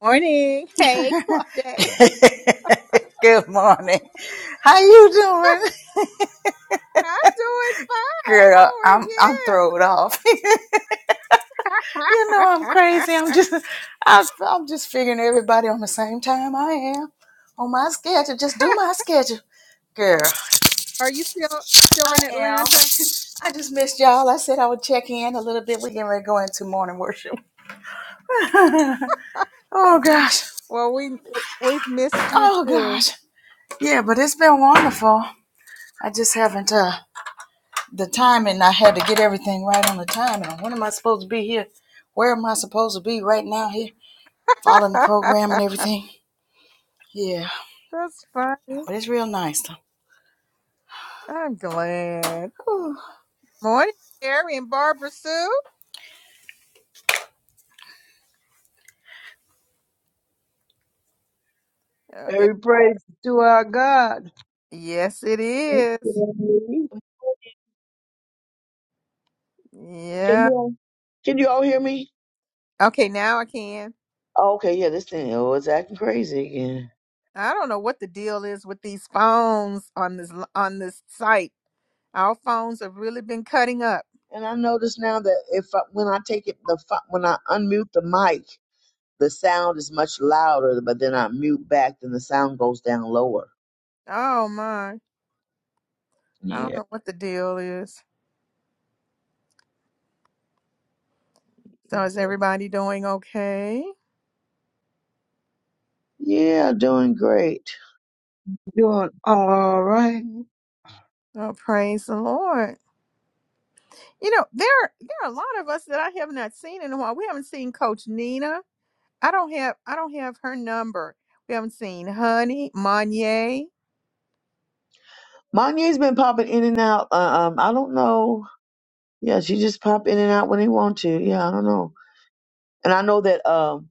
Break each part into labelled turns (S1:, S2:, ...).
S1: Morning. Hey, Claudette.
S2: Good morning. How you doing?
S1: I'm doing
S2: Girl, I'm I'm thrown off.
S1: fine.
S2: you know
S1: How
S2: I'm
S1: are
S2: crazy. I'm
S1: you?
S2: just I, I'm just figuring everybody on the same time I am on my schedule. Just do my schedule. Girl,
S1: are you still still
S2: I
S1: in
S2: am.
S1: Atlanta?
S2: I just missed y'all. I said I would check in a little bit. We're getting ready to go into morning worship. oh gosh.
S1: Well, we we've missed you
S2: Oh
S1: too.
S2: gosh. Yeah, but it's been wonderful. I just haven't uh the timing. I had to get everything right on the timing. When am I supposed to be here? Where am I supposed to be right now here? Following the program and everything. Yeah,
S1: That's funny.
S2: but it's real nice though.
S1: I'm glad.
S2: Whew.
S1: Morning, Sherry and Barbara Sue. Uh, it-
S3: Every praise to our God.
S1: yes, it
S3: Thank
S1: is.
S3: you.
S4: Can you
S1: Yeah.
S4: all can you all hear me?
S1: Okay, now I can.
S4: Oh, okay, yeah, this thing oh, it's acting crazy again.
S1: I don't know what the deal is with these phones on this on this site. Our phones have really been cutting up.
S4: And I notice now that if I, when I take it the fu- when I unmute the mic, the sound is much louder. But then I mute back, then the sound goes down lower.
S1: Oh my. I don't
S4: Yeah,
S1: know what the deal is. So is everybody doing okay?
S4: yeah, doing great.
S3: Doing all right.
S1: Oh, praise the Lord. You know, there there are a lot of us that I have not seen in a while. We haven't seen Coach Nina. I don't have I don't have her number. We haven't seen Honey, Monye.
S4: Monye's been popping in and out. Uh, um, I don't know. Yeah, she just pop in and out when they want to. Yeah, I don't know. And I know that um,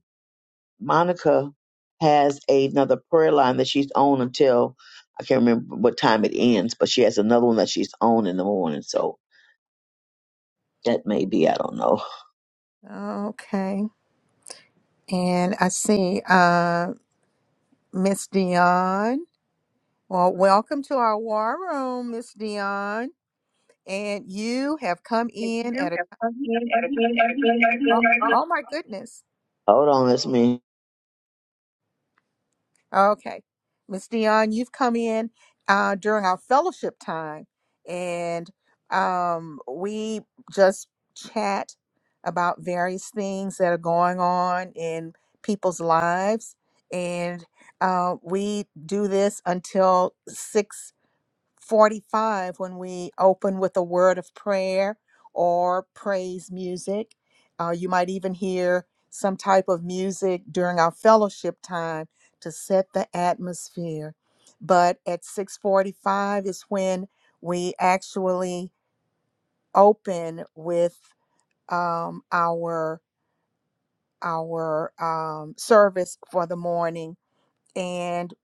S4: Monica has another prayer line that she's on until I can't remember what time it ends, but she has another one that she's on in the morning. So that may be. I don't know.
S1: Okay. And I see uh Miss Dion. Well, welcome to our war room, Miss Dion. And you have come in at a oh, oh my goodness.
S4: Hold on, it's me.
S1: Okay. Miss Dion, you've come in uh, during our fellowship time, and um, we just chat about various things that are going on in people's lives. And uh, we do this until 6 45 when we open with a word of prayer or praise music. Uh, you might even hear some type of music during our fellowship time to set the atmosphere. But at 6:45 is when we actually open with um, our our um, service for the morning and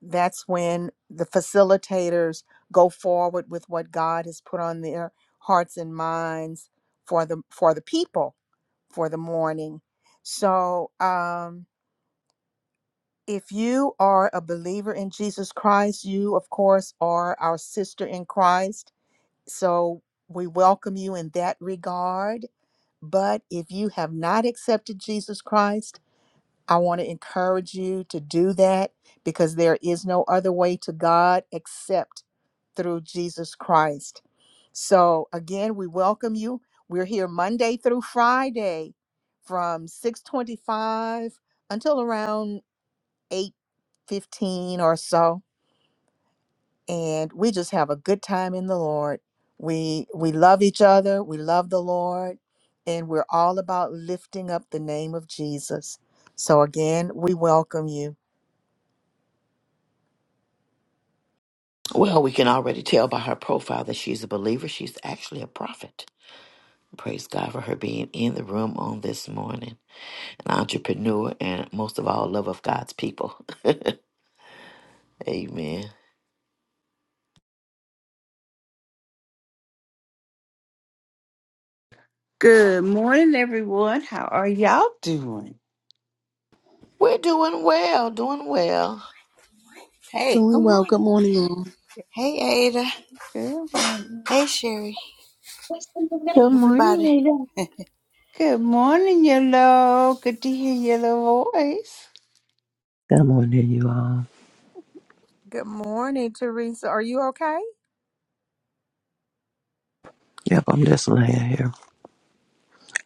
S1: that's when the facilitators go forward with what God has put on their hearts and minds for the for the people for the morning. So, um, if you are a believer in Jesus Christ, you of course are our sister in Christ. So we welcome you in that regard. But if you have not accepted Jesus Christ, I want to encourage you to do that because there is no other way to God except through Jesus Christ. So again, we welcome you. We're here Monday through Friday from 6:25 until around 8:15 or so, and we just have a good time in the Lord. We we love each other, we love the Lord, and we're all about lifting up the name of Jesus. So again, we welcome you.
S5: Well, we can already tell by her profile that she's a believer. She's actually a prophet. Praise God for her being in the room on this morning. An entrepreneur and most of all, love of God's people. Amen.
S6: Good morning, everyone. How are y'all doing?
S5: We're doing well, doing well.
S2: Hey, good
S7: Doing well.
S2: morning.
S7: Good morning, all.
S1: Good morning.
S2: Hey, Ada.
S6: Good morning.
S2: Hey, Sherry.
S8: Good morning,
S2: Everybody,
S8: Ada.
S6: Good morning, Yellow. Good to hear your little voice.
S9: Good morning, you all.
S1: Good morning, Teresa. Are you okay?
S9: Yep, I'm just laying here.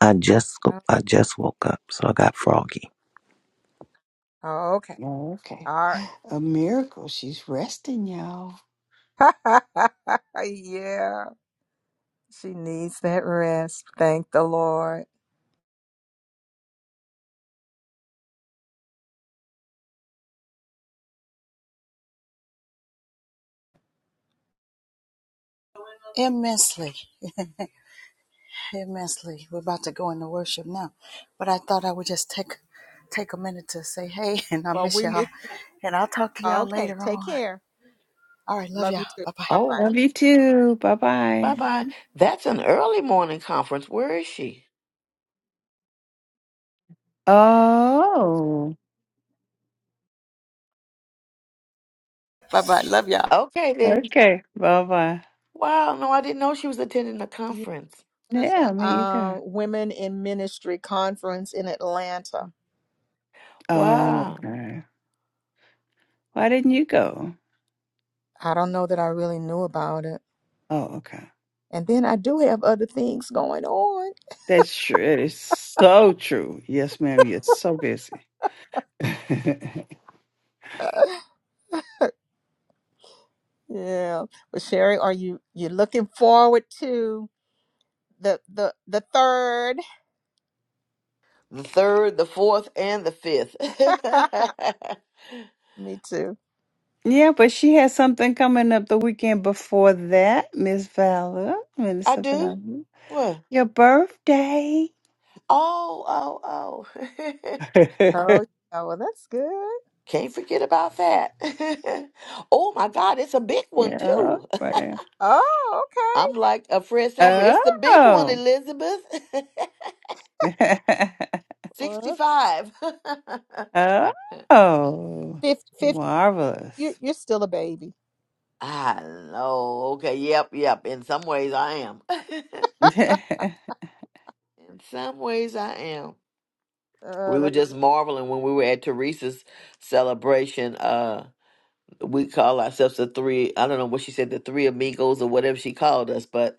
S9: I just
S1: Oh,
S9: I just woke up, so I got froggy.
S1: oh, okay.
S6: Oh, Okay.
S1: All
S6: A miracle. She's resting, y'all.
S1: right. yeah. She needs that rest. Thank the Lord.
S2: immensely, immensely. We're about to go into worship now, but I thought I would just take take a minute to say hey, and I
S1: Well,
S2: miss
S1: we
S2: y'all,
S1: miss.
S2: and I'll talk to y'all
S1: Okay.
S2: later
S1: Take
S2: on.
S1: care.
S2: All right, love
S1: Love
S2: y'all.
S1: you too.
S2: Bye bye.
S1: Bye
S5: Oh,
S1: bye.
S6: Love you too. Bye
S5: bye
S6: bye.
S5: bye. That's an early morning conference. Where is she?
S6: Oh,
S2: Bye bye. Love y'all.
S5: Okay, then.
S6: okay. Bye bye.
S5: Wow, no, I didn't know she was attending a
S1: Yeah,
S5: conference.
S1: there's a
S6: Yeah, me either.
S1: um, women in ministry conference in Atlanta.
S6: Oh,
S5: Wow.
S6: okay. Why didn't you go?
S1: I don't know that I really knew about it.
S6: Oh, okay.
S1: And then I do have other things going on.
S6: That's true. It is so true. Yes, ma'am. You're so busy.
S1: yeah, but Sherry, are you you looking forward to the the the third?
S5: The third, the fourth, and the fifth.
S1: Me too.
S6: yeah, but she has something coming up the weekend before that, Miss Valor,
S5: I
S6: Minister Valor.
S5: do? What?
S6: Your birthday.
S5: Oh, oh, oh.
S1: Oh, yeah, well, that's good.
S5: Can't forget about that. oh my God, it's a big one
S6: Yeah,
S5: too.
S6: right.
S1: Oh, okay.
S5: I'm like a Fred Sanford. It's the big one,
S6: Oh.
S5: Elizabeth.
S1: Well,
S5: 65.
S6: oh.
S1: 50 50 you,
S6: Marvelous.
S1: you're still a baby.
S5: I know. Okay. Yep. Yep. In some ways, I am. In
S6: yeah.
S5: some ways, I am.
S1: Oh,
S5: We were
S1: that's,
S5: just marveling when we were at Teresa's celebration. Uh, we call ourselves the three. I don't know what she said, the three amigos or whatever she called us, but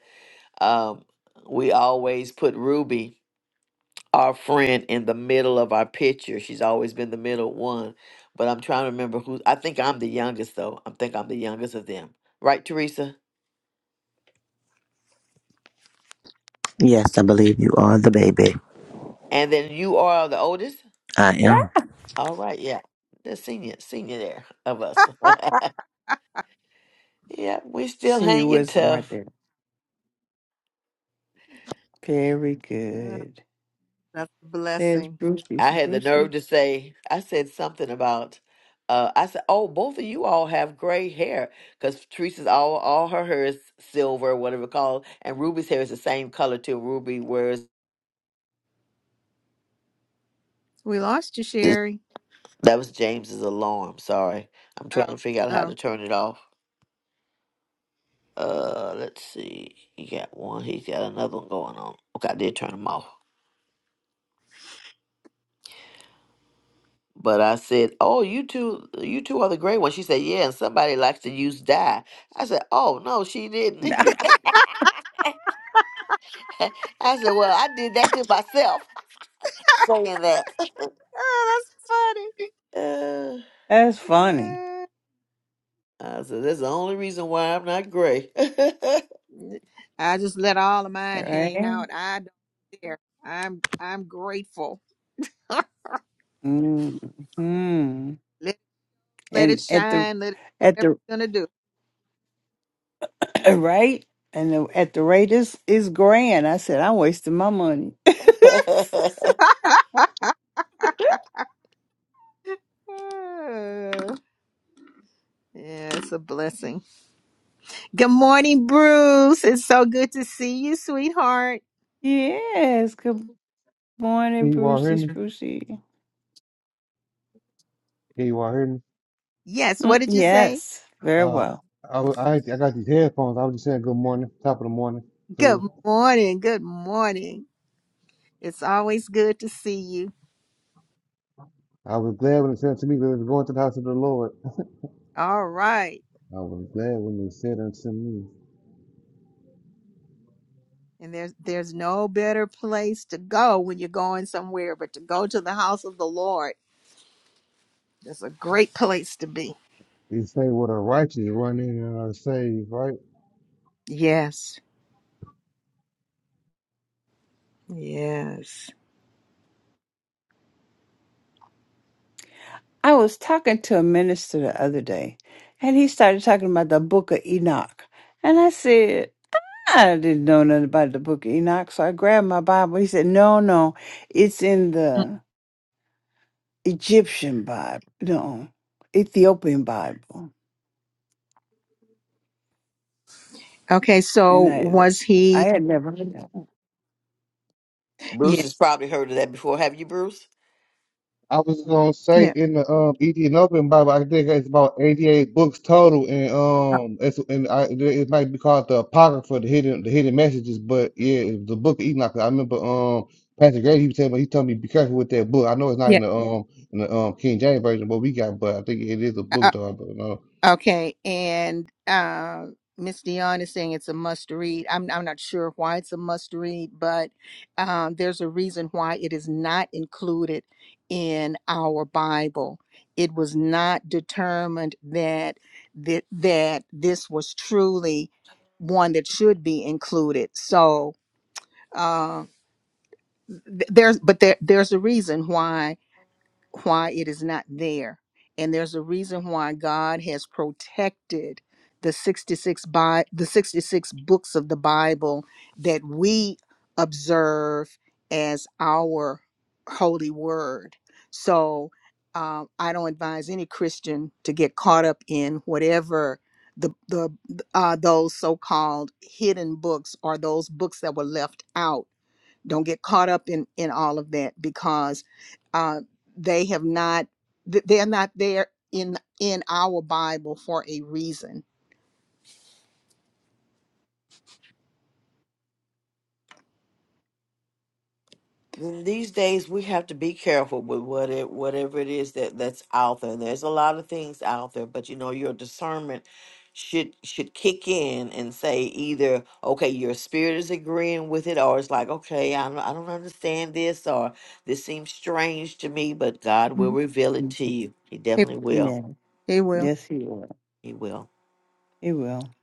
S5: Um, we always put Ruby, our friend, in the middle of our picture. She's always been the middle one. But I'm trying to remember who. I think I'm the youngest, though. I think I'm the youngest of them. Right, Teresa?
S9: Yes, I believe you are the baby.
S5: And then you are the oldest?
S9: I am.
S5: All right, yeah. The senior, senior there of us. yeah, we still
S6: Senior
S5: hanging
S6: wisdom right
S5: tough.
S6: there. Very
S1: mm,
S6: good.
S1: that's a
S6: There's
S1: blessing.
S5: I
S6: Brucey.
S5: had the
S6: Brucey.
S5: nerve to say, I said something about, uh, I said, oh, both of you all have gray hair because Teresa's all, all her hair is silver, whatever it's called, and Ruby's hair is the same color too. Ruby wears
S1: We lost you,
S5: this.
S1: Sherry.
S5: That was James's alarm. Sorry, I'm trying to figure out how to
S1: Oh.
S5: turn it off. Uh, let's see. He got one. He's got another one going on. Okay, I did turn them off. But I said, "Oh, you two, you two are the gray ones." She said, "Yeah." And somebody likes to use dye. I said, "Oh no, she didn't." I said, well, I did that to myself saying that.
S1: Oh, that's
S5: Uh,
S6: That's funny,
S1: funny.
S5: I said, that's the only reason why I'm not gray.
S1: I just let all of mine hang
S6: right?
S1: out. I don't care. I'm I'm grateful.
S6: Mm-hmm.
S1: let let it
S6: And at the
S1: shine. Let it do
S6: at
S1: whatever
S6: the
S1: it's gonna do.
S6: right and the, at the rate is is grand. I said I'm wasting my money.
S1: Oh, yeah, it's a blessing. Good morning, Bruce. It's so good to see you, sweetheart.
S6: yes. Good morning,
S10: Can you all hear
S6: Brucey
S10: me?
S6: Sprucey.
S10: Can you all hear me?
S1: Yes,
S6: Mm,
S1: what did you say?
S6: yes, very
S10: Uh,
S6: well.
S10: I, wa- I, I got these headphones. I was just saying good morning, top of the morning to
S1: Good
S10: you.
S1: morning. Good morning. It's always good to see you.
S10: I was glad when it said to me, let us go into the house of the Lord.
S1: All right.
S10: I was glad when it said unto me,
S1: And there's there's no better place to go when you're going somewhere but to go to the house of the Lord. That's a great place to be.
S10: it say, what a righteous run in and are saved, right?
S1: Yes. Yes.
S6: I was talking to a minister the other day, and he started talking about the Book of Enoch, and I said. I didn't know nothing about the book of Enoch, so I grabbed my Bible. He said, No, no, it's in the Egyptian Bible, no, Ethiopian Bible.
S1: Okay, so
S6: And I
S1: was
S6: I
S1: he
S6: had never heard that.
S5: Bruce
S1: yeah,
S5: has probably heard of that before. Have you, Bruce?
S10: I was gonna say
S1: yeah.
S10: in the um Ethiopian Open Bible, I think it's about eighty-eight books total, and um, it's and I it might be called the Apocrypha, the hidden the hidden messages. But yeah, it the book of Enoch. I remember um Pastor Grady, he was telling me he told me be careful with that book. I know it's not in
S1: Yeah.
S10: the um in the um King James version, but we got, but I think it is a
S1: I,
S10: book though. But no,
S1: Okay, and uh, Miss Dion is saying it's a must read. I'm I'm not sure why it's a must read, but um, there's a reason why it is not included in our Bible. It was not determined that that that this was truly one that should be included. So uh, th- there's but there there's a reason why why it is not there. And there's a reason why God has protected the 66 by the 66 books of the Bible that we observe as our holy word. So um, I don't advise any Christian to get caught up in whatever the the uh, those so-called hidden books or those books that were left out don't get caught up in in all of that because uh, they have not th- they're not there in in our Bible for a reason.
S5: these days we have to be careful with what it whatever it is that that's out there there's a lot of things out there but you know your discernment should should kick in and say either okay your spirit is agreeing with it or it's like okay I don't, I don't understand this or this seems strange to me but God will
S1: Mhm.
S5: reveal it
S6: Mm,
S5: to you he
S1: It,
S5: definitely will
S6: Yeah.
S1: it will.
S6: Yes, he will.
S5: he will
S6: He will.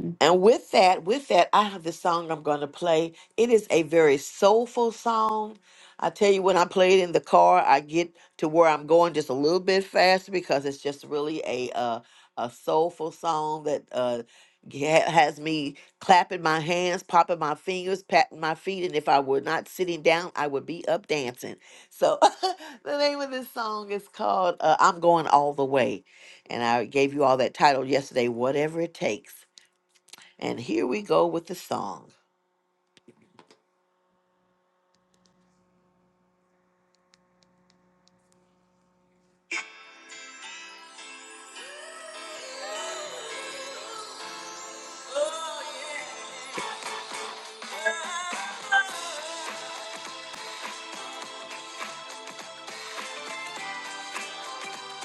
S6: Mhm.
S5: And with that, with that, I have the song I'm going to play. It is a very soulful song. I tell you, when I play it in the car, I get to where I'm going just a little bit faster because it's just really a uh, a soulful song that uh, ha- has me clapping my hands, popping my fingers, patting my feet, and if I were not sitting down, I would be up dancing. So the name of this song is called uh, "I'm Going All the Way," and I gave you all that title yesterday. Whatever it takes. And here we go with the song.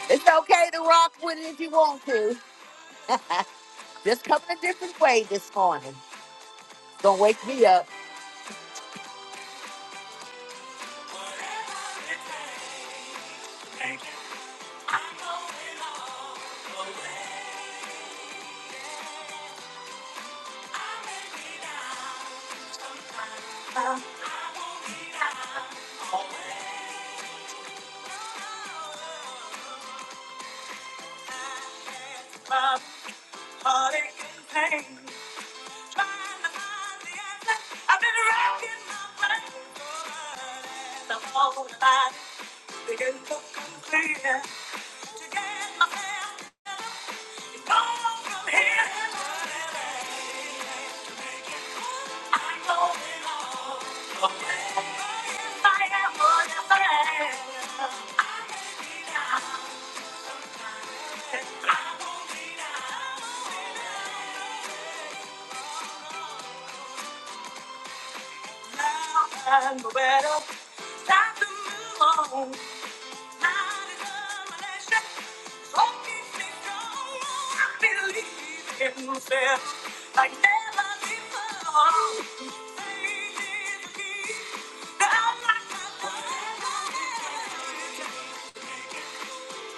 S5: It's okay to rock with it if you want to. Just come in a different way this morning. Don't wake me up. My heart aches and pain. I've been racking my brain for an hour. I'm all alive, begin to come clear. To get my head together from here. I know it all. If I am what I am, I may be down, but I won't be down. Now I'm the better. Time to move on. Not enough unless you so keep me strong. I believe in myself like never before. Faith is the key. I'm not my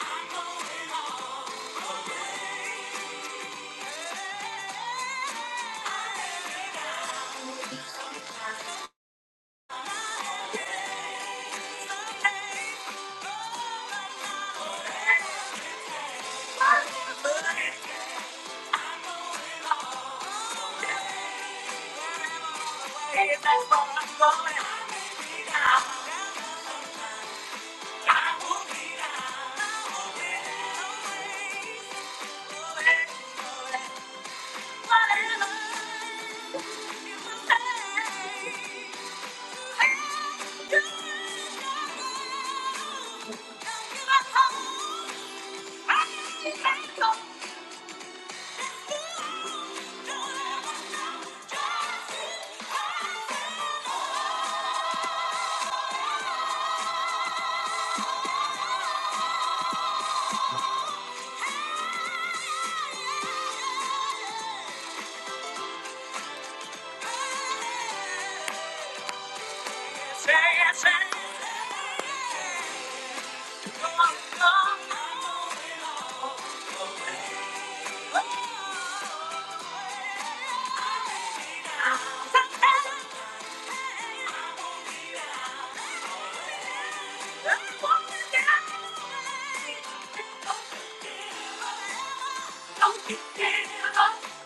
S5: I'm going all the way. Thank you. Say it, say it. Don't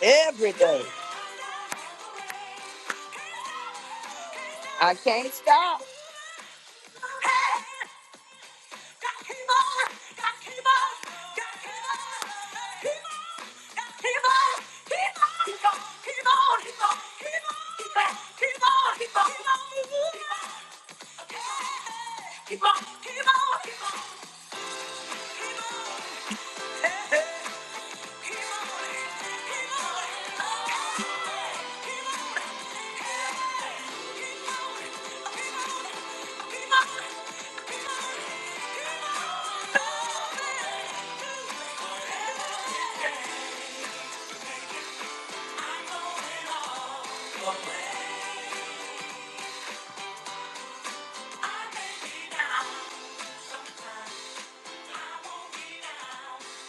S5: Every day. I can't stop. Keep on, keep on, keep on, keep on. Hey, hey.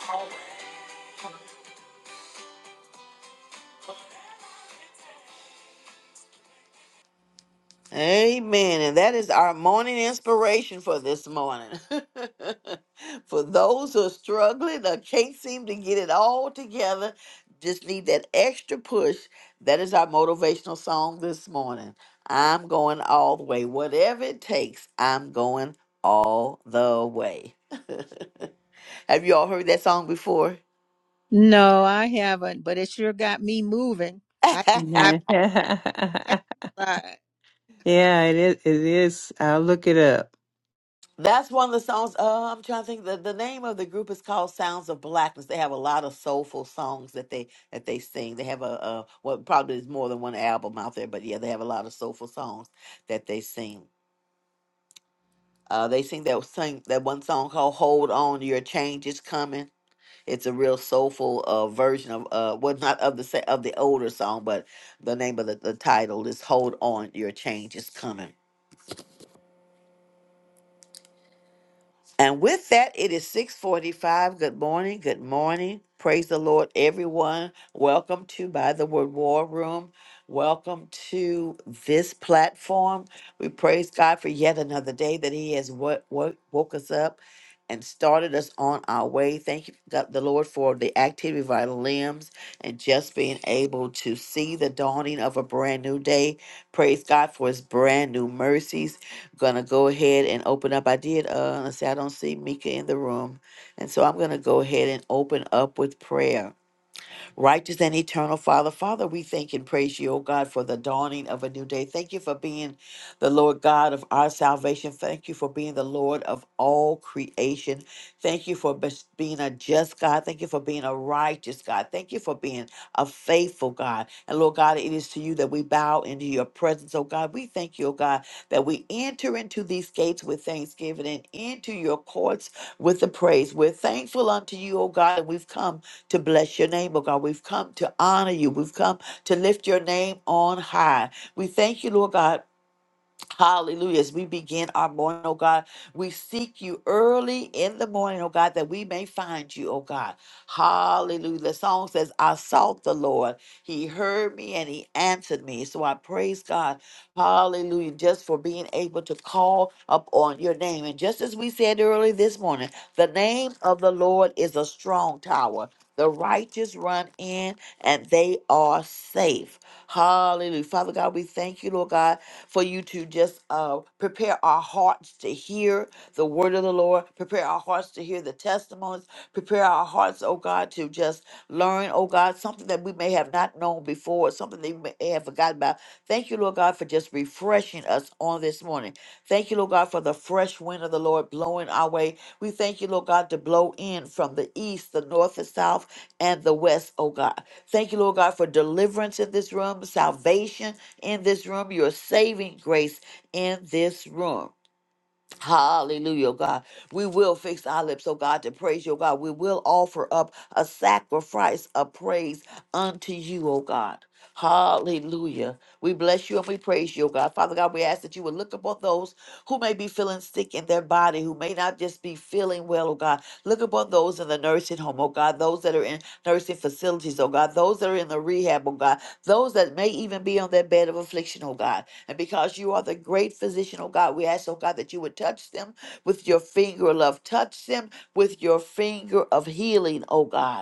S5: Always. Amen. And that is our morning inspiration for this morning. for those who are struggling or can't seem to get it all together, just need that extra push. That is our motivational song this morning. I'm going all the way. Whatever it takes, I'm going all the way. Have you all heard that song before?
S1: No, I haven't, but it sure got me moving. I got exercise.
S6: Yeah, it is. It is. I'll look it up.
S5: That's one of the songs. Uh, I'm trying to think. The, the name of the group is called Sounds of Blackness. They have a lot of soulful songs that they that they sing. They have a, a well, probably there's more than one album out there, but yeah, they have a lot of soulful songs that they sing. Uh, they sing that sing that one song called "Hold On, Your Change Is Coming." It's a real soulful uh, version of uh, well, not of the sa- of the older song, but the name of the, the title is "Hold On, Your Change Is Coming." And with that, it is 645. Good morning. Good morning. Praise the Lord, everyone. Welcome to By the Word War Room. Welcome to this platform. We praise God for yet another day that He has wo- wo- woke us up and started us on our way. Thank you, God, the Lord, for the activity of our limbs and just being able to see the dawning of a brand new day. Praise God for His brand new mercies gonna go ahead and open up. I did uh let's see, I don't see Mika in the room. And so I'm gonna go ahead and open up with prayer. Righteous and eternal Father, Father, we thank and praise you, O God, for the dawning of a new day. Thank you for being the Lord God of our salvation. Thank you for being the Lord of all creation. Thank you for bes- being a just God. Thank you for being a righteous God. Thank you for being a faithful God. And Lord God, it is to you that we bow into your presence, O God. We thank you, O God, that we enter into these gates with thanksgiving and into your courts with the praise. We're thankful unto you, O God, and we've come to bless your name, oh God. We've come to honor you. We've come to lift your name on high. We thank you, Lord God. Hallelujah. As we begin our morning, oh God, we seek you early in the morning, oh God, that we may find you, oh God. Hallelujah. The song says, I sought the Lord. He heard me and he answered me. So I praise God. Hallelujah. Just for being able to call upon your name. And just as we said early this morning, the name of the Lord is a strong tower the righteous run in and they are safe. Hallelujah. Father God, we thank you, Lord God, for you to just uh, prepare our hearts to hear the word of the Lord, prepare our hearts to hear the testimonies, prepare our hearts, oh God, to just learn, oh God, something that we may have not known before, something that we may have had forgotten about. Thank you, Lord God, for just refreshing us on this morning. Thank you, Lord God, for the fresh wind of the Lord blowing our way. We thank you, Lord God, to blow in from the east, the north, the south, and the west, oh God. Thank you, Lord God, for deliverance in this room, salvation in this room, your saving grace in this room. Hallelujah, oh God. We will fix our lips, oh God, to praise you, oh God. We will offer up a sacrifice of praise unto you, oh God. Hallelujah. We bless you and we praise you, oh God. Father God, we ask that you would look upon those who may be feeling sick in their body, who may not just be feeling well, oh God. God. Look upon those in the nursing home, oh God, those that are in nursing facilities, oh God, those that are in the rehab, oh God, those that may even be on their bed of affliction, oh God. And because you are the great physician, oh God, we ask, oh God, that you would touch them with your finger of love. Touch them with your finger of healing, oh God.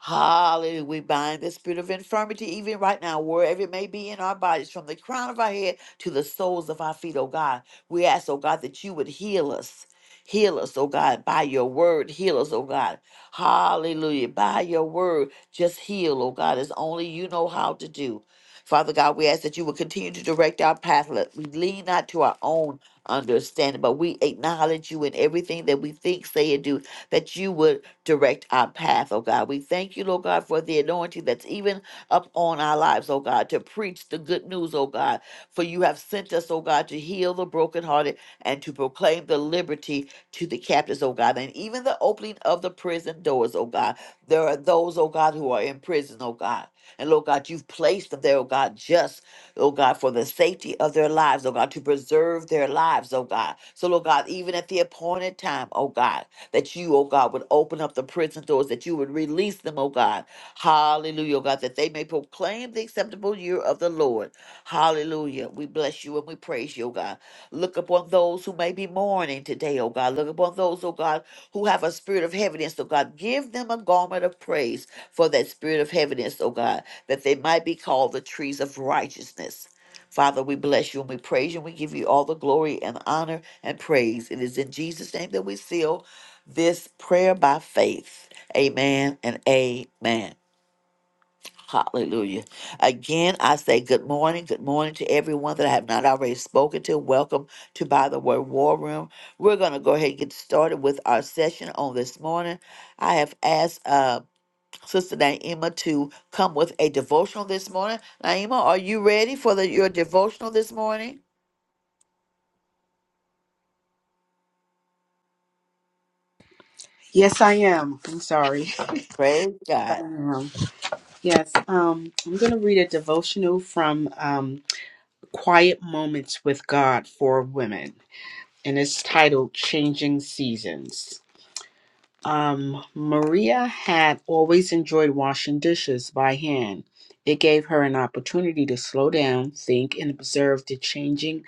S5: Hallelujah. We bind the spirit of infirmity even right now, wherever it may be in our bodies, from the crown of our head to the soles of our feet, oh God. We ask, oh God, that you would heal us. Heal us, oh God, by your word. Heal us, oh God. Hallelujah. By your word, just heal, oh God, as only you know how to do. Father God, we ask that you would continue to direct our path. Let we lean not to our own understanding, but we acknowledge you in everything that we think, say, and do, that you would direct our path, oh God. We thank you, Lord God, for the anointing that's even up on our lives, oh God, to preach the good news, oh God. For you have sent us, oh God, to heal the brokenhearted and to proclaim the liberty to the captives, oh God, and even the opening of the prison doors, oh God. There are those, oh God, who are in prison, oh God. And Lord God, you've placed them there, oh God, just, oh God, for the safety of their lives, oh God, to preserve their lives, oh God. So, Lord God, even at the appointed time, oh God, that you, oh God, would open up the prison doors, that you would release them, oh God. Hallelujah, oh God, that they may proclaim the acceptable year of the Lord. Hallelujah. We bless you and we praise you, oh God. Look upon those who may be mourning today, oh God. Look upon those, oh God, who have a spirit of heaviness, oh God. Give them a garment of praise for that spirit of heaviness, oh God, that they might be called the trees of righteousness. Father, we bless you and we praise you and we give you all the glory and honor and praise. It is in Jesus' name that we seal this prayer by faith. Amen and amen. Hallelujah. Again, I say good morning. Good morning to everyone that I have not already spoken to. Welcome to By the Word War Room. We're going to go ahead and get started with our session on this morning. I have asked uh, Sister Naima to come with a devotional this morning. Naima, are you ready for the, your devotional this morning?
S7: Yes, I am. I'm sorry.
S5: Praise
S7: I
S5: God.
S7: am. Yes, um, I'm going to read a devotional from um, Quiet Moments with God for Women, and it's titled Changing Seasons. Um, Maria had always enjoyed washing dishes by hand. It gave her an opportunity to slow down, think, and observe the changing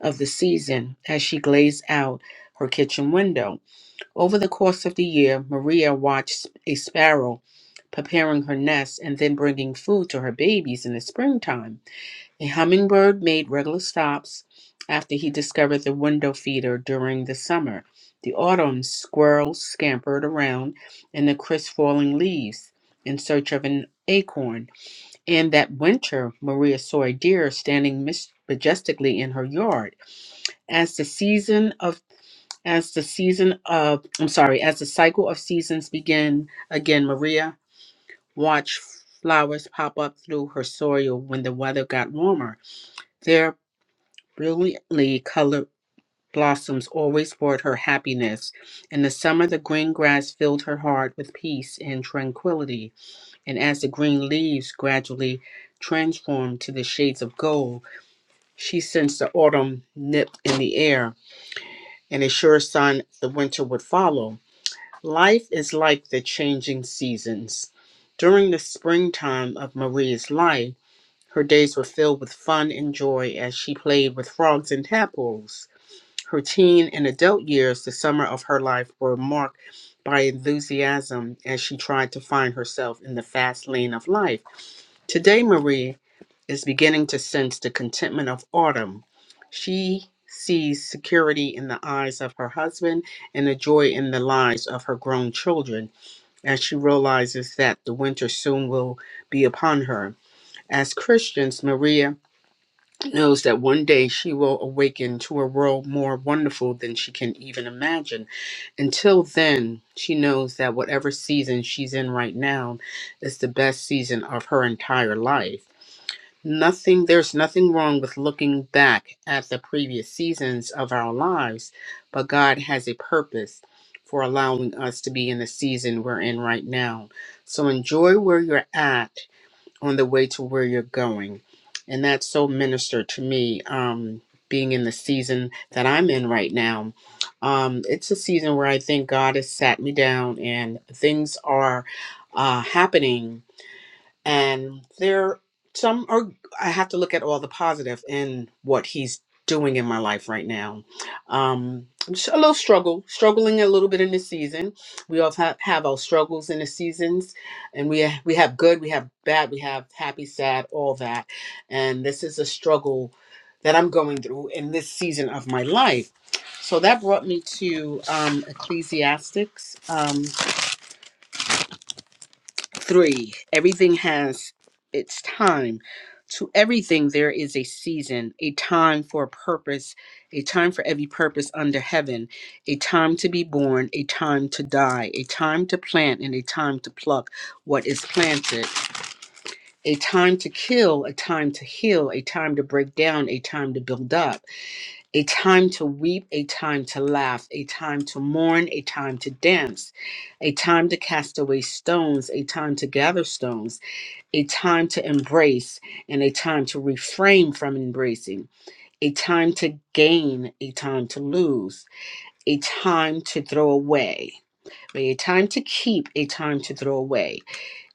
S7: of the season as she glazed out her kitchen window. Over the course of the year, Maria watched a sparrow preparing her nest and then bringing food to her babies in the springtime. A hummingbird made regular stops after he discovered the window feeder during the summer. The autumn squirrels scampered around in the crisp falling leaves in search of an acorn. And that winter, Maria saw a deer standing mis- majestically in her yard. As the season of as the season of, I'm sorry, as the cycle of seasons begin again, Maria watched flowers pop up through her soil when the weather got warmer. Their brilliantly colored blossoms always brought her happiness. In the summer, the green grass filled her heart with peace and tranquility. And as the green leaves gradually transformed to the shades of gold, she sensed the autumn nip in the air and a sure sign the winter would follow. Life is like the changing seasons. During the springtime of Marie's life, her days were filled with fun and joy as she played with frogs and tadpoles. Her teen and adult years, the summer of her life, were marked by enthusiasm as she tried to find herself in the fast lane of life. Today, Marie is beginning to sense the contentment of autumn. She sees security in the eyes of her husband and the joy in the lives of her grown children. As she realizes that the winter soon will be upon her. As Christians, Maria knows that one day she will awaken to a world more wonderful than she can even imagine. Until then, she knows that whatever season she's in right now is the best season of her entire life nothing there's nothing wrong with looking back at the previous seasons of our lives but god has a purpose for allowing us to be in the season we're in right now so enjoy where you're at on the way to where you're going and that's so ministered to me um being in the season that i'm in right now um it's a season where i think god has sat me down and things are uh happening and there some are i have to look at all the positive in what he's doing in my life right now um just a little struggle struggling a little bit in this season we all have, have our struggles in the seasons and we we have good we have bad we have happy sad all that and this is a struggle that i'm going through in this season of my life so that brought me to um ecclesiastics um, Three, everything has its time. To everything, there is a season, a time for a purpose, a time for every purpose under heaven, a time to be born, a time to die, a time to plant, and a time to pluck what is planted, a time to kill, a time to heal, a time to break down, a time to build up, a time to weep, a time to laugh, a time to mourn, a time to dance, a time to cast away stones, a time to gather stones a time to embrace and a time to refrain from embracing, a time to gain, a time to lose, a time to throw away, a time to keep, a time to throw away,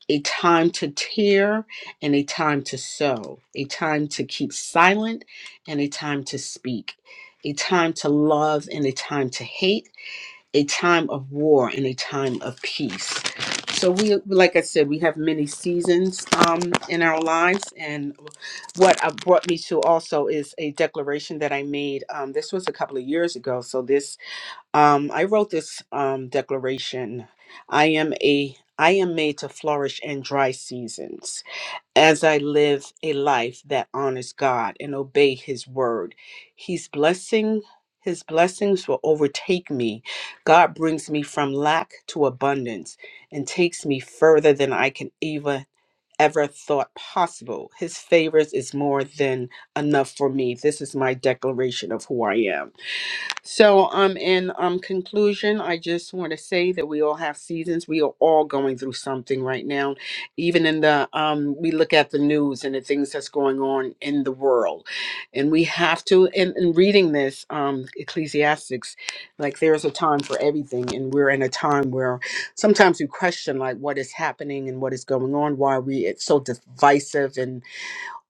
S7: a time to tear and a time to sow, a time to keep silent and a time to speak, a time to love and a time to hate a time of war and a time of peace. So we, like I said, we have many seasons um, in our lives, and what uh, brought me to also is a declaration that I made. Um, this was a couple of years ago. So this, um, I wrote this um, declaration. I am a, I am made to flourish in dry seasons as I live a life that honors God and obey His word. He's blessing, His blessings will overtake me. God brings me from lack to abundance and takes me further than I can even ever thought possible. His favors is more than enough for me. This is my declaration of who I am. So, um, in um conclusion, I just want to say that we all have seasons. We are all going through something right now. Even in the um, we look at the news and the things that's going on in the world, and we have to. And in reading this, um, Ecclesiastics, like there is a time for everything, and we're in a time where sometimes we question like what is happening and what is going on, why we it's so divisive,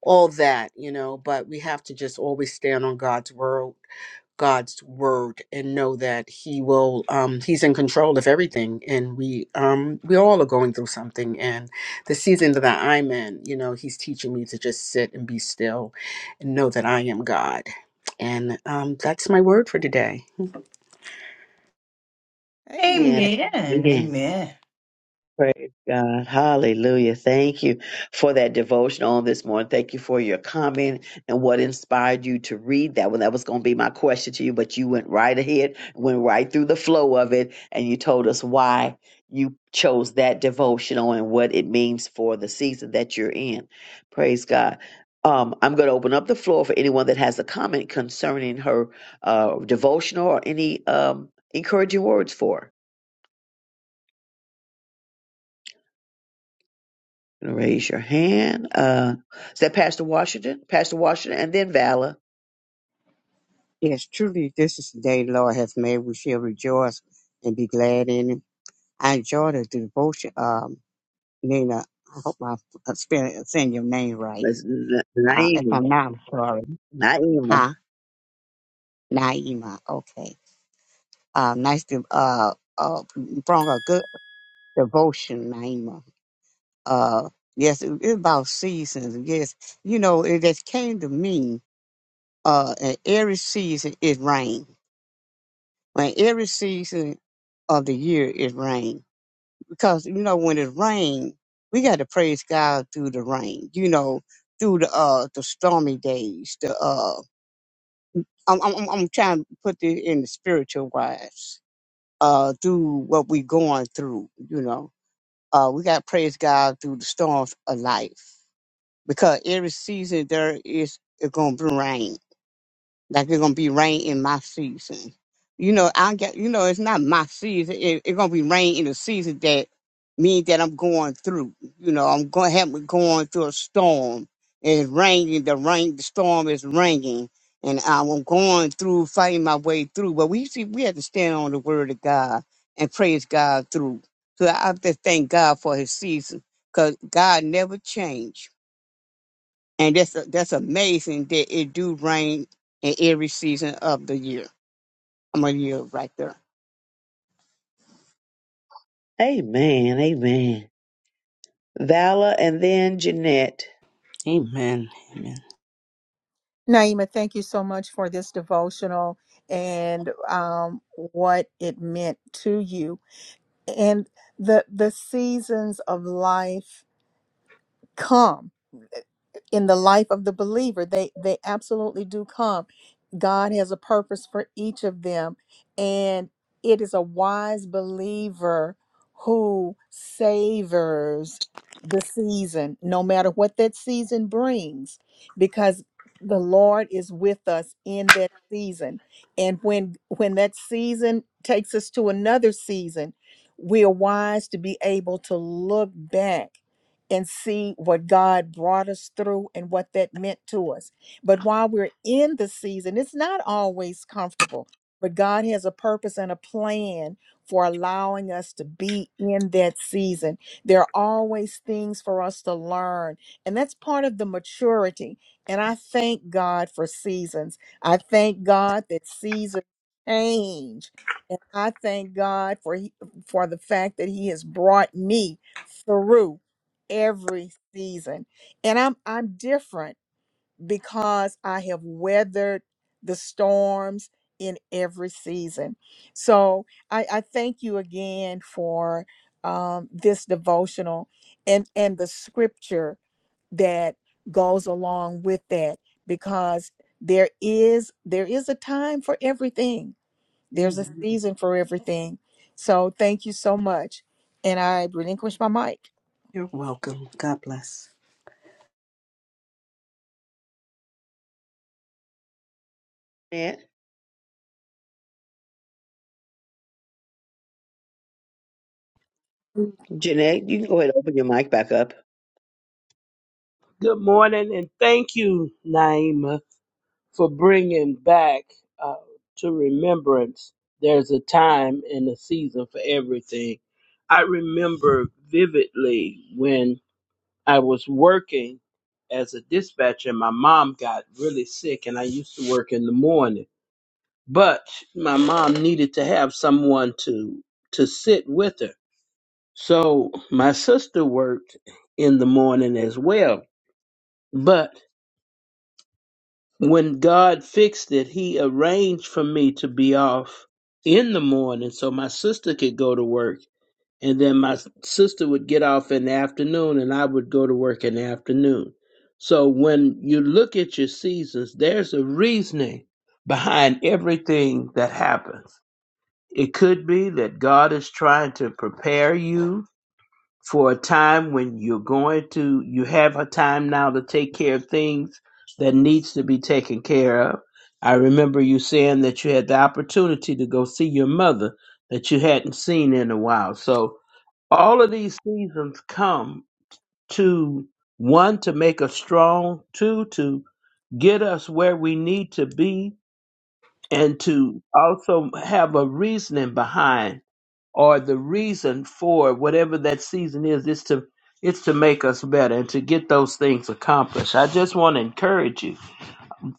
S7: all that, you know, but we have to just always stand on God's word, God's word and know that he will um he's in control of everything and we um we all are going through something and the season that I'm in, you know, he's teaching me to just sit and be still and know that I am God. And um that's my word for today.
S1: Amen.
S4: Man,
S6: Amen.
S4: man.
S6: Amen.
S4: Praise God. Hallelujah. Thank you for that devotion on this morning. Thank you for your comment and what inspired you to read that one. That was going to be my question to you, but you went right ahead, went right through the flow of it, and you told us why you chose that devotional and what it means for the season that you're in. Praise God. Um, I'm going to open up the floor for anyone that has a comment concerning her uh, devotional or any um, encouraging words for her. Gonna Raise your hand. Uh, is that Pastor Washington? Pastor Washington, and then Vala.
S11: Yes, truly, this is the day the Lord hath made. We shall rejoice and be glad in it. I enjoyed the devotion. Um, Nina, I hope I'm spelling saying your name right.
S4: That's Na-
S11: Uh, if
S4: Naima.
S11: I'm not, I'm sorry.
S4: Naima.
S11: Huh? Naima. Okay. Uh, nice to, uh, uh, brought a good devotion, Naima. Uh, yes, it- it's about seasons. Yes, you know, it just came to me, uh, in every season it rain. When every season of the year is rain because you know when it rained, we got to praise God through the rain. You know, through the uh the stormy days. The uh, I'm I'm, I'm I'm trying to put this in the spiritual wise. Uh, through what we going through. You know, uh, we got to praise God through the storms of life because every season there is it's gonna be rain like it's gonna be rain in my season. You know, I get you know, it's not my season. It, it's gonna be rain in the season that means that I'm going through. You know, I'm gonna have me going through a storm. It's raining, the rain the storm is raining and I'm going through, fighting my way through. But we see we have to stand on the word of God and praise God through. So I have to thank God for his season. Cause God never changed and that's that's amazing that it do rain in every season of the year. I'm gonna yield right there.
S4: Amen. Amen. Vala, and then Jeanette.
S7: Amen. Amen.
S1: Naima, thank you so much for this devotional and um, what it meant to you and the the seasons of life come eh, in the life of the believer they they absolutely do come god has a purpose for each of them and it is a wise believer who savors the season no matter what that season brings because the lord is with us in that season and when when that season takes us to another season we are wise to be able to look back and see what God brought us through and what that meant to us. But while we're in the season, it's not always comfortable, but God has a purpose and a plan for allowing us to be in that season. There are always things for us to learn, and that's part of the maturity. And I thank God for seasons. I thank God that seasons change. And I thank God for he- for the fact that he has brought me through every season. And I'm I'm different because I have weathered the storms in every season. So I, I thank you again for um, this devotional and and the scripture that goes along with that because there is there is a time for everything. There's a
S7: Amen.
S1: season for everything. So thank you so much. And I relinquish my mic.
S7: You're welcome. God bless.
S4: Jeanette, Jeanette, you can go ahead and open your mic back up.
S12: Good morning, and thank you, Naima, for bringing back uh, to remembrance. There's a time and a season for everything. I remember vividly when I was working as a dispatcher, my mom got really sick, and I used to work in the morning. But my mom needed to have someone to to sit with her, so my sister worked in the morning as well. But When God fixed it, He arranged for me to be off in the morning so my sister could go to work. And then my s- sister would get off in the afternoon and I would go to work in the afternoon. So when you look at your seasons, there's a reasoning behind everything that happens. It could be that God is trying to prepare you for a time when you're going to you have a time now to take care of things that needs to be taken care of i remember you saying that you had the opportunity to go see your mother that you hadn't seen in a while so all of these seasons come to one to make us strong two to get us where we need to be and to also have a reasoning behind or the reason for whatever that season is is to it's to make us better and to get those things accomplished i just want to encourage you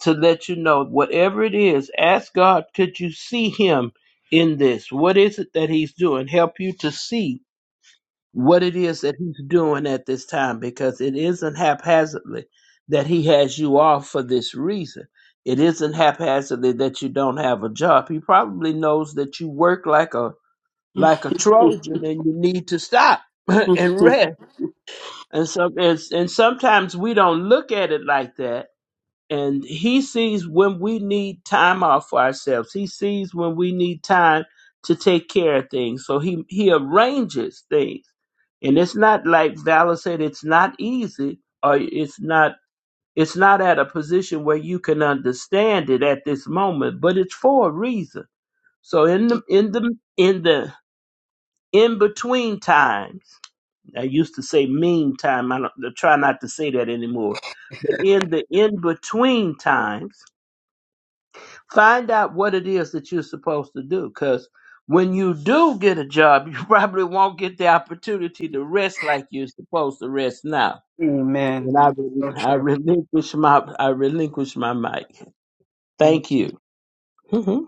S12: to let you know whatever it is ask god could you see him in this what is it that he's doing help you to see what it is that he's doing at this time because it isn't haphazardly that he has you off for this reason it isn't haphazardly that you don't have a job he probably knows that you work like a like a Trojan and you need to stop and rest. And so and, and sometimes we don't look at it like that. And he sees when we need time off for ourselves. He sees when we need time to take care of things. So he he arranges things. And it's not like Valor said it's not easy or it's not it's not at a position where you can understand it at this moment, but it's for a reason. So in the in the in the in between times. I used to say mean time. I don't I try not to say that anymore. But in the in between times, find out what it is that you're supposed to do. Because when you do get a job, you probably won't get the opportunity to rest like you're supposed to rest now.
S7: Amen.
S12: And I,
S7: So
S12: rel- I
S7: true.
S12: relinquish my I relinquish my mic. Thank
S7: Thank you.
S12: you. Mhm.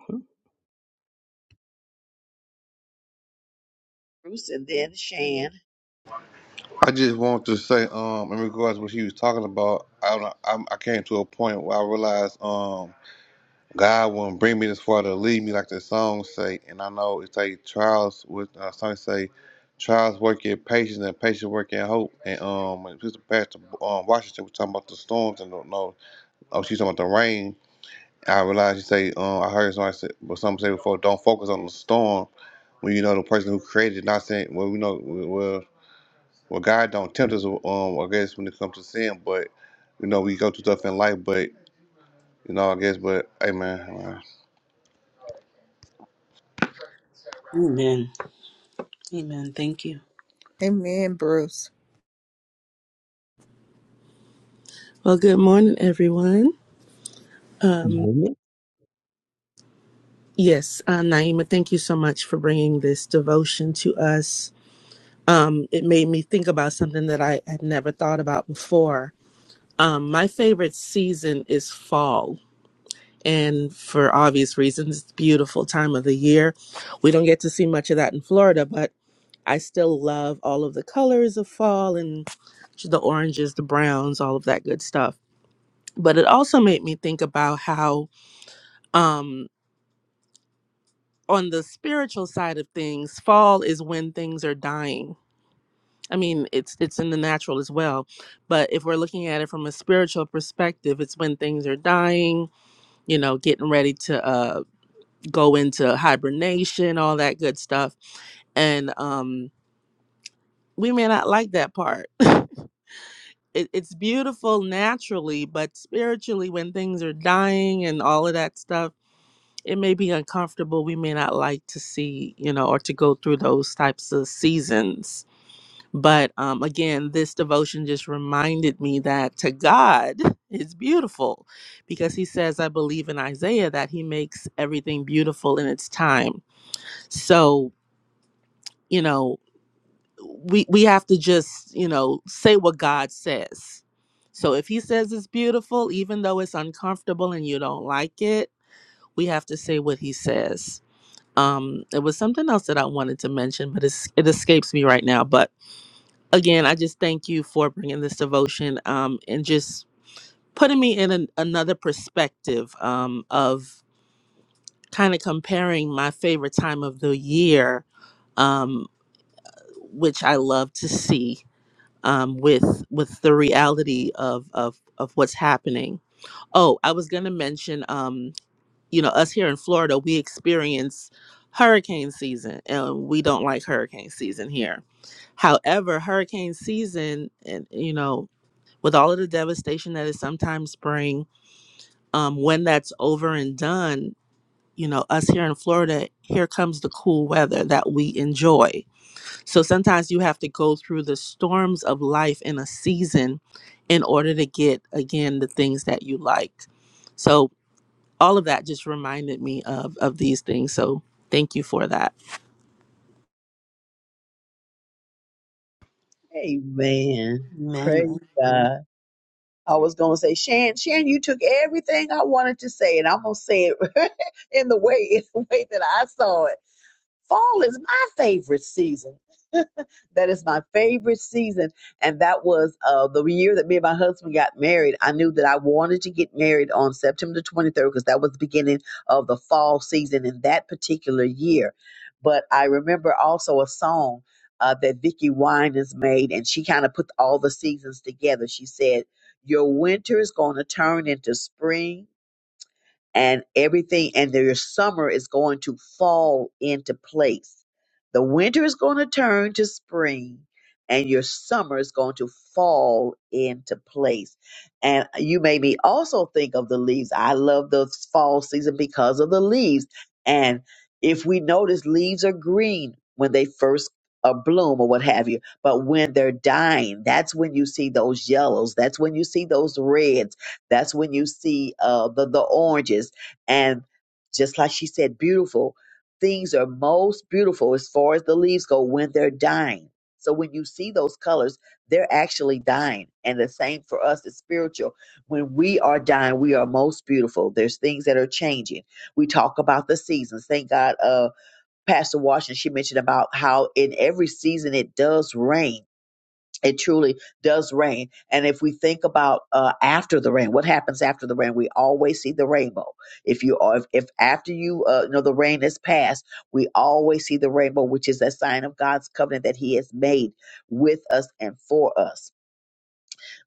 S4: Bruce, and then Shan.
S10: I just want to say, um, in regards to what he was talking about, I don't, know, i I came to a point where I realized, God wouldn't bring me this far to leave me like the song say. And I know it's like trials with uh song say trials work in patience and patience work in hope. And um when Sister Pastor um Washington was talking about the storms and don't know oh she's talking about the rain. I realized she say um I heard somebody say but some say before don't focus on the storm when you know the person who created it, not saying well we know well well God don't tempt us um I guess when it comes to sin but you know we go through stuff in life but you know I guess but hey man
S7: Amen. Amen. Thank you.
S1: Amen, Bruce.
S13: Well, good morning, everyone. Um,
S12: Moment.
S13: yes, uh, Naima, thank you so much for bringing this devotion to us. Um, it made me think about something that I had never thought about before. Um, my favorite season is fall. And for obvious reasons, it's a beautiful time of the year. We don't get to see much of that in Florida, but I still love all of the colors of fall and the oranges, the browns, all of that good stuff. But it also made me think about how um, on the spiritual side of things, fall is when things are dying. I mean, it's it's in the natural as well, but if we're looking at it from a spiritual perspective, it's when things are dying, you know, getting ready to uh, go into hibernation, all that good stuff, and um, we may not like that part. it, it's beautiful naturally, but spiritually, when things are dying and all of that stuff it may be uncomfortable. We may not like to see, you know, or to go through those types of seasons. But um, again, this devotion just reminded me that to God is beautiful because he says, I believe in Isaiah that he makes everything beautiful in its time. So, you know, we, we have to just, you know, say what God says. So if he says it's beautiful, even though it's uncomfortable and you don't like it, we have to say what he says um it was something else that i wanted to mention but it's, it escapes me right now but again i just thank you for bringing this devotion um and just putting me in an, another perspective um of kind of comparing my favorite time of the year um which i love to see um with with the reality of of of what's happening oh i was going to mention Um, you know, us here in Florida, we experience hurricane season and we don't like hurricane season here. However, hurricane season, and you know, with all of the devastation that is sometimes bring, um, when that's over and done, you know, us here in Florida, here comes the cool weather that we enjoy. So sometimes you have to go through the storms of life in a season in order to get, again, the things that you like. So all of that just reminded me of of these things. So thank you for that.
S4: Amen.
S7: Amen.
S4: Praise
S7: Amen.
S4: God. I was gonna say, Shan, Shan, you took everything I wanted to say, and I'm gonna say it in the way, in the way that I saw it. Fall is my favorite season. that is my favorite season. And that was uh, the year that me and my husband got married. I knew that I wanted to get married on September 23rd because that was the beginning of the fall season in that particular year. But I remember also a song uh, that Vicky Winans made, and she kind of put all the seasons together. She said, Your winter is going to turn into spring and everything and their summer is going to fall into place. The winter is going to turn to spring and your summer is going to fall into place. And you made me also think of the leaves. I love the fall season because of the leaves. And if we notice leaves are green when they first uh, bloom or what have you, but when they're dying, that's when you see those yellows, that's when you see those reds that's when you see uh, the the oranges, and just like she said, beautiful things are most beautiful as far as the leaves go when they're dying. So when you see those colors, they're actually dying, and the same for us is spiritual. When we are dying, we are most beautiful. There's things that are changing. We talk about the seasons. Thank God, uh, Pastor Washington she mentioned about how in every season it does rain it truly does rain. And if we think about uh, after the rain, what happens after the rain? We always see the rainbow. If you if, if after you, uh, you know, the rain has passed, we always see the rainbow, which is a sign of God's covenant that He has made with us and for us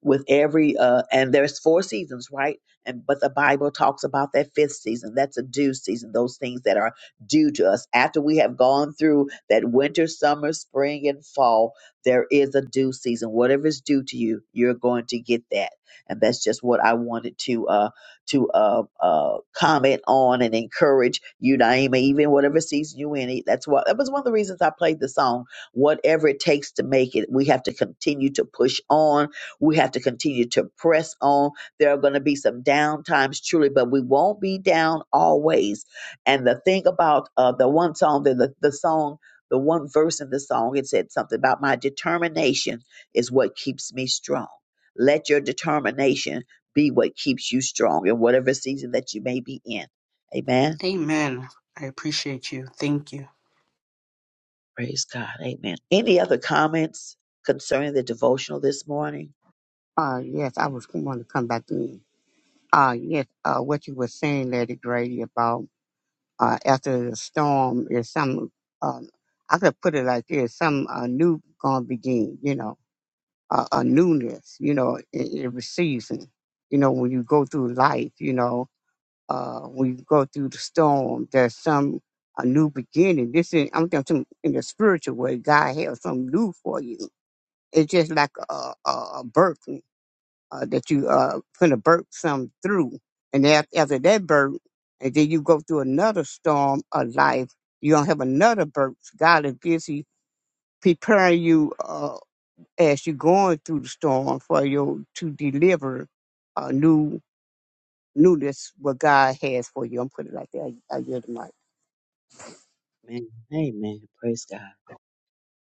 S4: with every uh and there's four seasons right and but the bible talks about that fifth season that's a due season those things that are due to us after we have gone through that winter summer spring and fall there is a due season whatever is due to you you're going to get that and that's just what i wanted to uh to uh uh comment on and encourage you naima even whatever season you in it- that's what that was one of the reasons i played the song whatever it takes to make it we have to continue to push on we have to continue to press on. There are going to be some down times, truly, but we won't be down always. And the thing about uh, the one song, the, the, the song, the one verse in the song, it said something about my determination is what keeps me strong. Let your determination be what keeps you strong in whatever season that you may be in. Amen.
S7: Amen. I appreciate you. Thank you.
S4: Praise God. Amen. Any other comments concerning the devotional this morning?
S11: Uh yes, I was going to come back to you. Uh yes, uh what you were saying, Lady Grady, about uh after the storm is some um I could put it like this, some uh, new gonna begin, you know, uh, a newness, you know, in every season. You know, when you go through life, you know, uh, when you go through the storm, there's some a new beginning. This is I'm talking in the spiritual way. God has something new for you. It's just like a a, a birth uh, that you uh finna birth some through, and after, after that birth, and then you go through another storm of life. You don't have another birth. God is busy preparing you uh, as you're going through the storm for you to deliver a new knew this what God has for you. I'm putting it like that. I, I get the
S4: Amen. Amen. Praise God.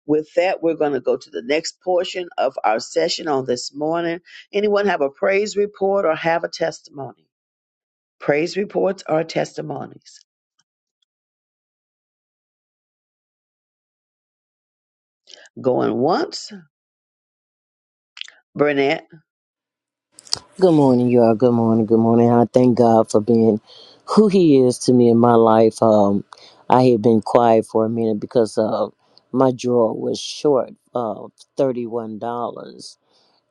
S4: With that, we're going to go to the next portion of our session on this morning. Anyone have a praise report or have a testimony? Praise reports are testimonies. Going once, Burnett.
S14: Good morning, y'all. Good morning. Good morning. I thank God for being who He is to me in my life. Um, I had been quiet for a minute because uh, my drawer was short of thirty-one dollars,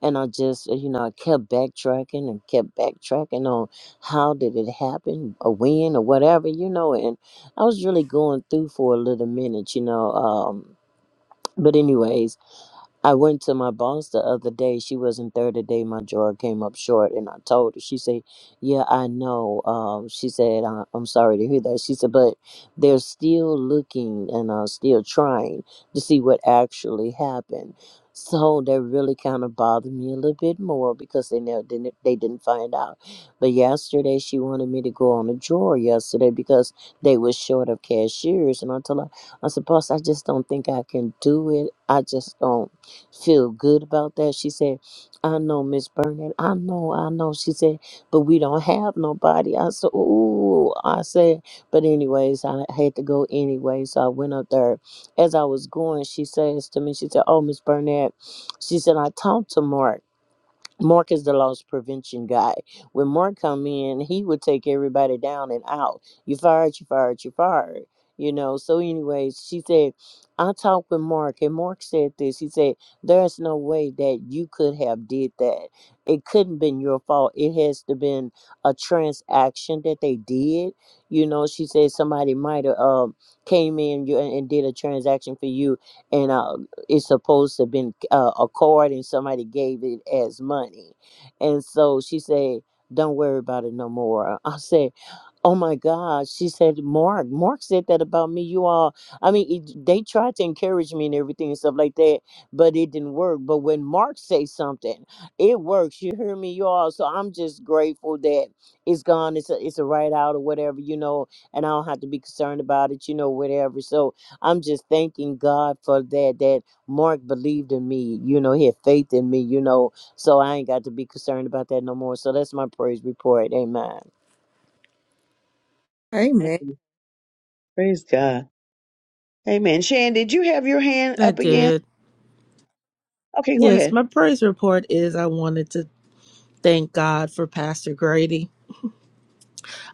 S14: and I just, you know, I kept backtracking and kept backtracking on how did it happen, or when, or whatever, you know. And I was really going through for a little minute, you know. Um, but anyways. I went to my boss the other day. She wasn't there today. My drawer came up short, and I told her. She said, "Yeah, I know." Um, she said, I- "I'm sorry to hear that." She said, "But they're still looking and uh, still trying to see what actually happened." So that really kind of bothered me a little bit more because they never didn't they didn't find out. But yesterday she wanted me to go on a drawer yesterday because they were short of cashiers, and I told her, "I said, boss, I just don't think I can do it. I just don't." feel good about that. She said, I know, Miss Burnett. I know, I know. She said, but we don't have nobody. I said, ooh, I said, but anyways, I had to go anyway. So I went up there. As I was going, she says to me, she said, oh, Miss Burnett, she said, I talked to Mark. Mark is the loss prevention guy. When Mark come in, he would take everybody down and out. You fired, you fired, you fired. You know. So, anyways, she said, I talked with Mark, and Mark said this. He said, "There's no way that you could have did that. It couldn't been your fault. It has to been a transaction that they did. You know." She said somebody might have um came in you and, and did a transaction for you, and uh, it's supposed to have been uh, a card and somebody gave it as money. And so she said, Don't worry about it no more. I said, Oh my God. She said, Mark, Mark said that about me. You all, I mean, it, they tried to encourage me and everything and stuff like that, but it didn't work. But when Mark says something, it works. You hear me, you all. So I'm just grateful that it's gone. It's a, it's a write out or whatever, you know, and I don't have to be concerned about it, you know, whatever. So I'm just thanking God for that, that Mark believed in me, you know, he had faith in me, you know, so I ain't got to be concerned about that no more. So that's my praise report. Amen.
S1: Amen.
S4: Amen. Praise God. Amen. Shannon, did you have your hand
S13: I
S4: up again?
S13: did.
S4: Okay, go
S13: Yes,
S4: ahead.
S13: my praise report is I wanted to thank God for Pastor Grady.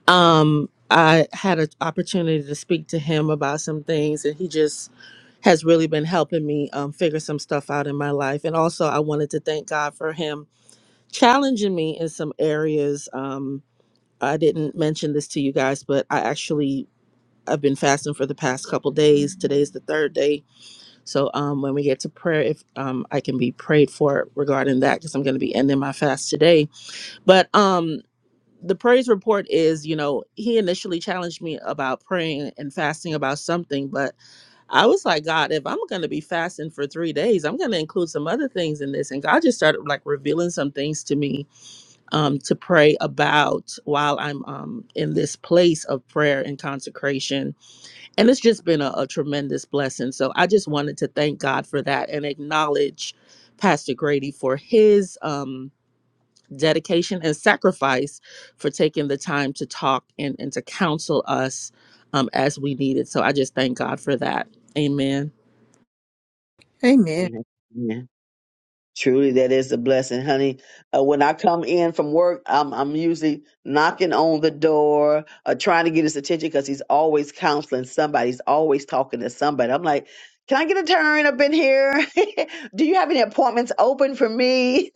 S13: Um, I had an opportunity to speak to him about some things, and he just has really been helping me um, figure some stuff out in my life. And also, I wanted to thank God for him challenging me in some areas. Um, I didn't mention this to you guys, but I actually I've been fasting for the past couple days. Today's the third day So um, when we get to prayer, if um, I can be prayed for regarding that, because I'm going to be ending my fast today. But um, the praise report is, you know, he initially challenged me about praying and fasting about something, but I was like, God, if I'm going to be fasting for three days, I'm going to include some other things in this. And God just started like revealing some things to me um, to pray about while I'm um, in this place of prayer and consecration and it's just been a, a tremendous blessing. So I just wanted to thank God for that and acknowledge Pastor Grady for his um, dedication and sacrifice for taking the time to talk and, and to counsel us um, as we needed. So I just thank God for that. Amen.
S1: Amen.
S4: Amen. Truly, that is a blessing, honey. Uh, when I come in from work, I'm, I'm usually knocking on the door, uh, trying to get his attention because he's always counseling somebody. He's always talking to somebody. I'm like, can I get a turn up in here? Do you have any appointments open for me?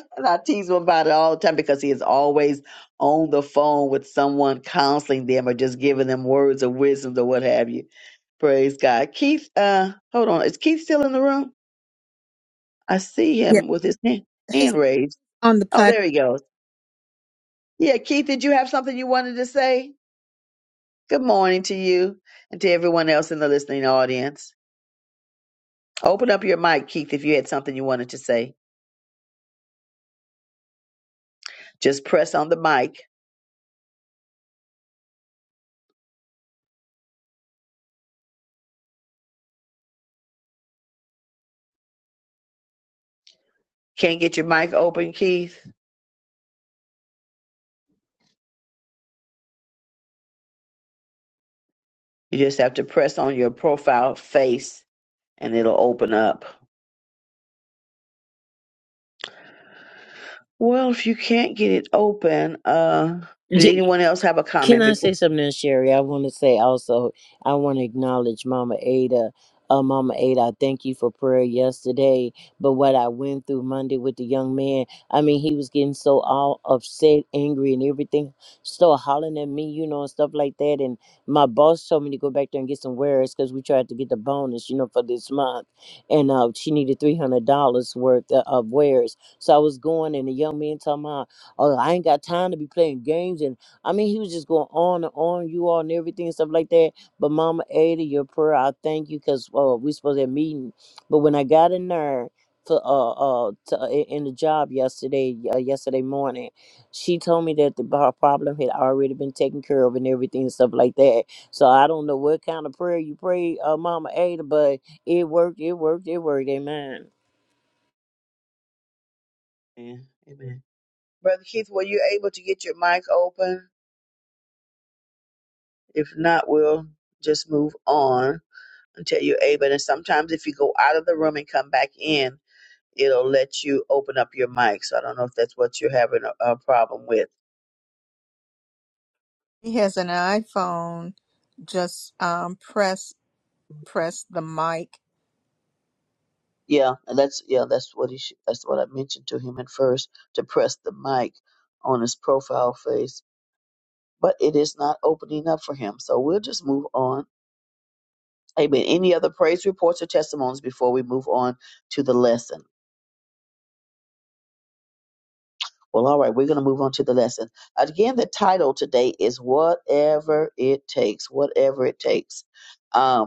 S4: and I tease him about it all the time because he is always on the phone with someone counseling them or just giving them words of wisdom or what have you. Praise God. Keith, uh, hold on. Is Keith still in the room? I see
S1: Yeah,
S4: him with his hand,
S1: he's
S4: hand raised.
S1: on the
S4: Oh,
S1: platform.
S4: there he goes. Yeah, Keith, did you have something you wanted to say? Good morning to you and to everyone else in the listening audience. Open up your mic, Keith, if you had something you wanted to say. Just press on the mic. Can't get your mic open, Keith? You just have to press on your profile face and it'll open up. Well, if you can't get it open, uh, did anyone else have a
S14: Can
S4: comment
S14: I say
S4: before?
S14: something, Sherry? I want to say also, I want to acknowledge Mama Ada. Uh, Mama Ada, I thank you for prayer yesterday. But what I went through Monday with the young man, I mean, he was getting so all upset, angry, and everything, still hollering at me, you know, and stuff like that. And my boss told me to go back there and get some wares because we tried to get the bonus, you know, for this month. And uh, she needed $300 worth of, of wares. So I was going, and the young man told me, Oh, I ain't got time to be playing games. And I mean, he was just going on and on, you all and everything and stuff like that. But Mama Ada, your prayer, I thank you because uh, we supposed to have meeting. But when I got in there for uh uh to, uh, in in the job yesterday uh, yesterday morning, she told me that the her problem had already been taken care of and everything and stuff like that. So I don't know what kind of prayer you prayed, uh, Mama Ada, but it worked, it worked, it worked. Amen.
S4: Amen. Amen. Brother Keith, were you able to get your mic open? If not, we'll just move on until you're able. And sometimes if you go out of the room and come back in, it'll let you open up your mic. So I don't know if that's what you're having a, a problem with.
S1: He has an iPhone. Just um, press press the mic.
S4: Yeah, and that's yeah, that's what he should, that's what I mentioned to him at first to press the mic on his profile face, but it is not opening up for him. So we'll just move on. Amen. Any other praise reports or testimonies before we move on to the lesson? Well, all right, we're going to move on to the lesson. Again, the title today is Whatever It Takes, Whatever It Takes. Um,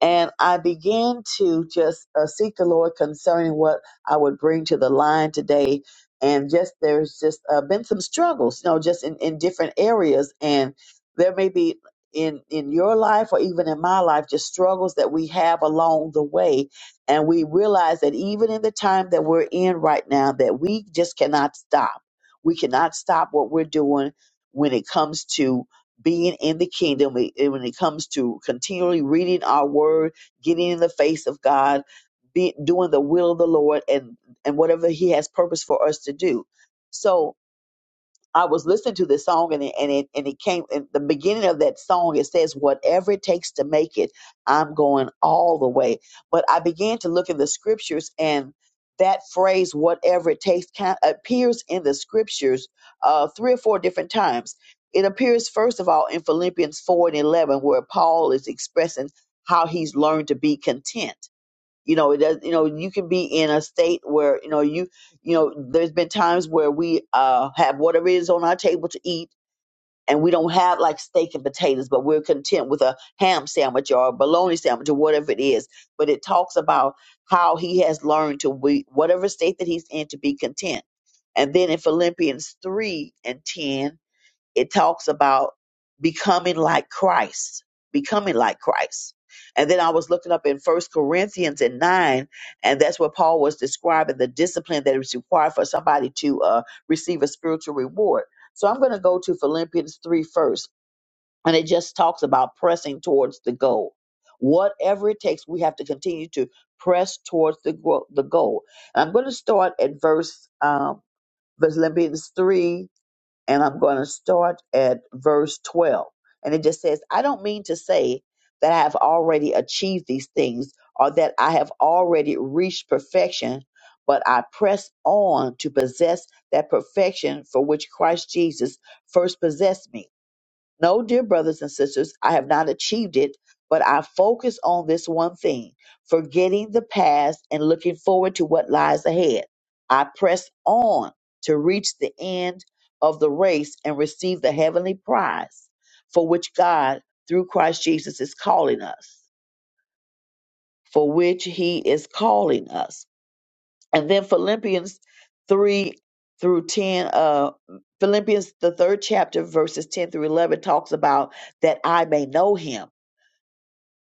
S4: and I began to just uh, seek the Lord concerning what I would bring to the line today. And just there's just uh, been some struggles, you know, just in, in different areas. And there may be in in your life or even in my life just struggles that we have along the way and we realize that even in the time that we're in right now that we just cannot stop we cannot stop what we're doing when it comes to being in the kingdom when when it comes to continually reading our word, getting in the face of God, be, doing the will of the Lord, and and whatever He has purpose for us to do. So I was listening to this song and it, and it, and it came in the beginning of that song. It says, whatever it takes to make it, I'm going all the way. But I began to look in the scriptures and that phrase, whatever it takes, kind appears in the scriptures uh, three or four different times. It appears, first of all, in Philippians 4 and 11, where Paul is expressing how he's learned to be content you know it does you know you can be in a state where you know you you know there's been times where we uh have whatever is on our table to eat and we don't have like steak and potatoes but we're content with a ham sandwich or a bologna sandwich or whatever it is but it talks about how he has learned to be whatever state that he's in to be content and then in philippians 3 and 10 it talks about becoming like Christ, becoming like Christ. And then I was looking up in First Corinthians in nine, and that's where Paul was describing the discipline that is required for somebody to uh, receive a spiritual reward. So I'm going to go to Philippians 3 first, and it just talks about pressing towards the goal. Whatever it takes, we have to continue to press towards the, gro- the goal. And I'm going to start at verse um, Philippians 3 and I'm going to start at verse 12. And it just says, I don't mean to say that I have already achieved these things or that I have already reached perfection, but I press on to possess that perfection for which Christ Jesus first possessed me. No, dear brothers and sisters, I have not achieved it, but I focus on this one thing forgetting the past and looking forward to what lies ahead. I press on to reach the end of the race and receive the heavenly prize for which God, through Christ Jesus, is calling us. For which he is calling us. And then Philippians 3 through 10, uh, Philippians, the third chapter, verses 10 through 11, talks about that I may know him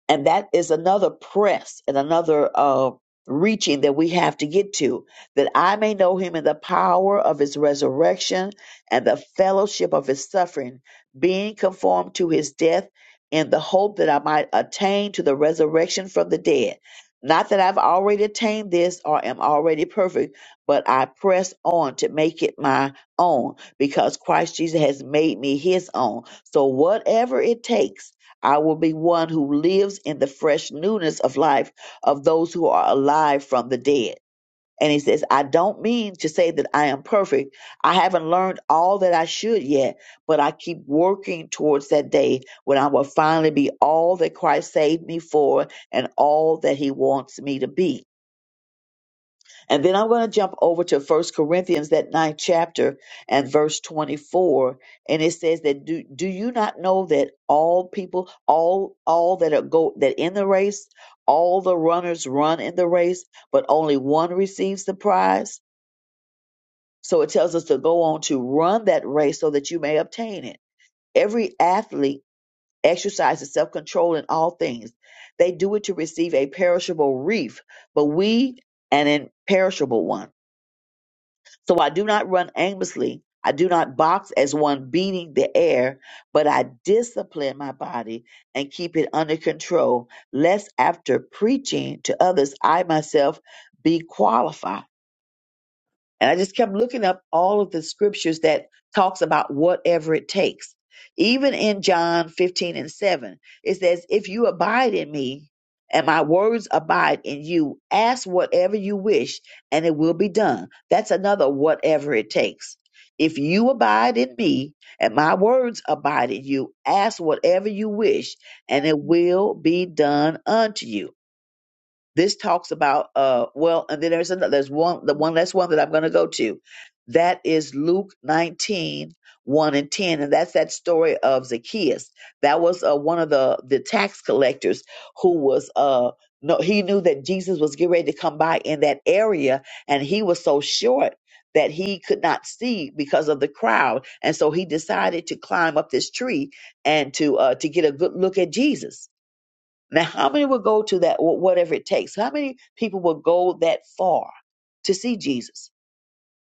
S4: and that is another press and another uh, reaching that we have to get to that i may know him in the power of his resurrection and the fellowship of his suffering being conformed to his death in the hope that i might attain to the resurrection from the dead not that i've already attained this or am already perfect but i press on to make it my own because christ jesus has made me his own so whatever it takes I will be one who lives in the fresh newness of life of those who are alive from the dead. And he says, I don't mean to say that I am perfect. I haven't learned all that I should yet, but I keep working towards that day when I will finally be all that Christ saved me for and all that he wants me to be. And then I'm going to jump over to First Corinthians, that ninth chapter and verse 24. And it says that do, do you not know that all people, all all that are go that in the race, all the runners run in the race, but only one receives the prize? So it tells us to go on to run that race so that you may obtain it. Every athlete exercises self-control in all things. They do it to receive a perishable wreath, but we an imperishable one. So I do not run aimlessly. I do not box as one beating the air, but I discipline my body and keep it under control, lest after preaching to others, I myself be qualified. And I just kept looking up all of the scriptures that talks about whatever it takes. Even in John 15 and 7, it says, If you abide in me and my words abide in you, ask whatever you wish and it will be done. That's another whatever it takes. If you abide in me and my words abide in you, ask whatever you wish and it will be done unto you. This talks about uh well, and then there's another there's one the one last one that I'm gonna go to. That is Luke 19, 1 and 10. And that's that story of Zacchaeus. That was uh, one of the, the tax collectors who was uh no he knew that Jesus was getting ready to come by in that area, and he was so short that he could not see because of the crowd. And so he decided to climb up this tree and to uh to get a good look at Jesus now, how many would go to that, wh- whatever it takes? How many people would go that far to see Jesus?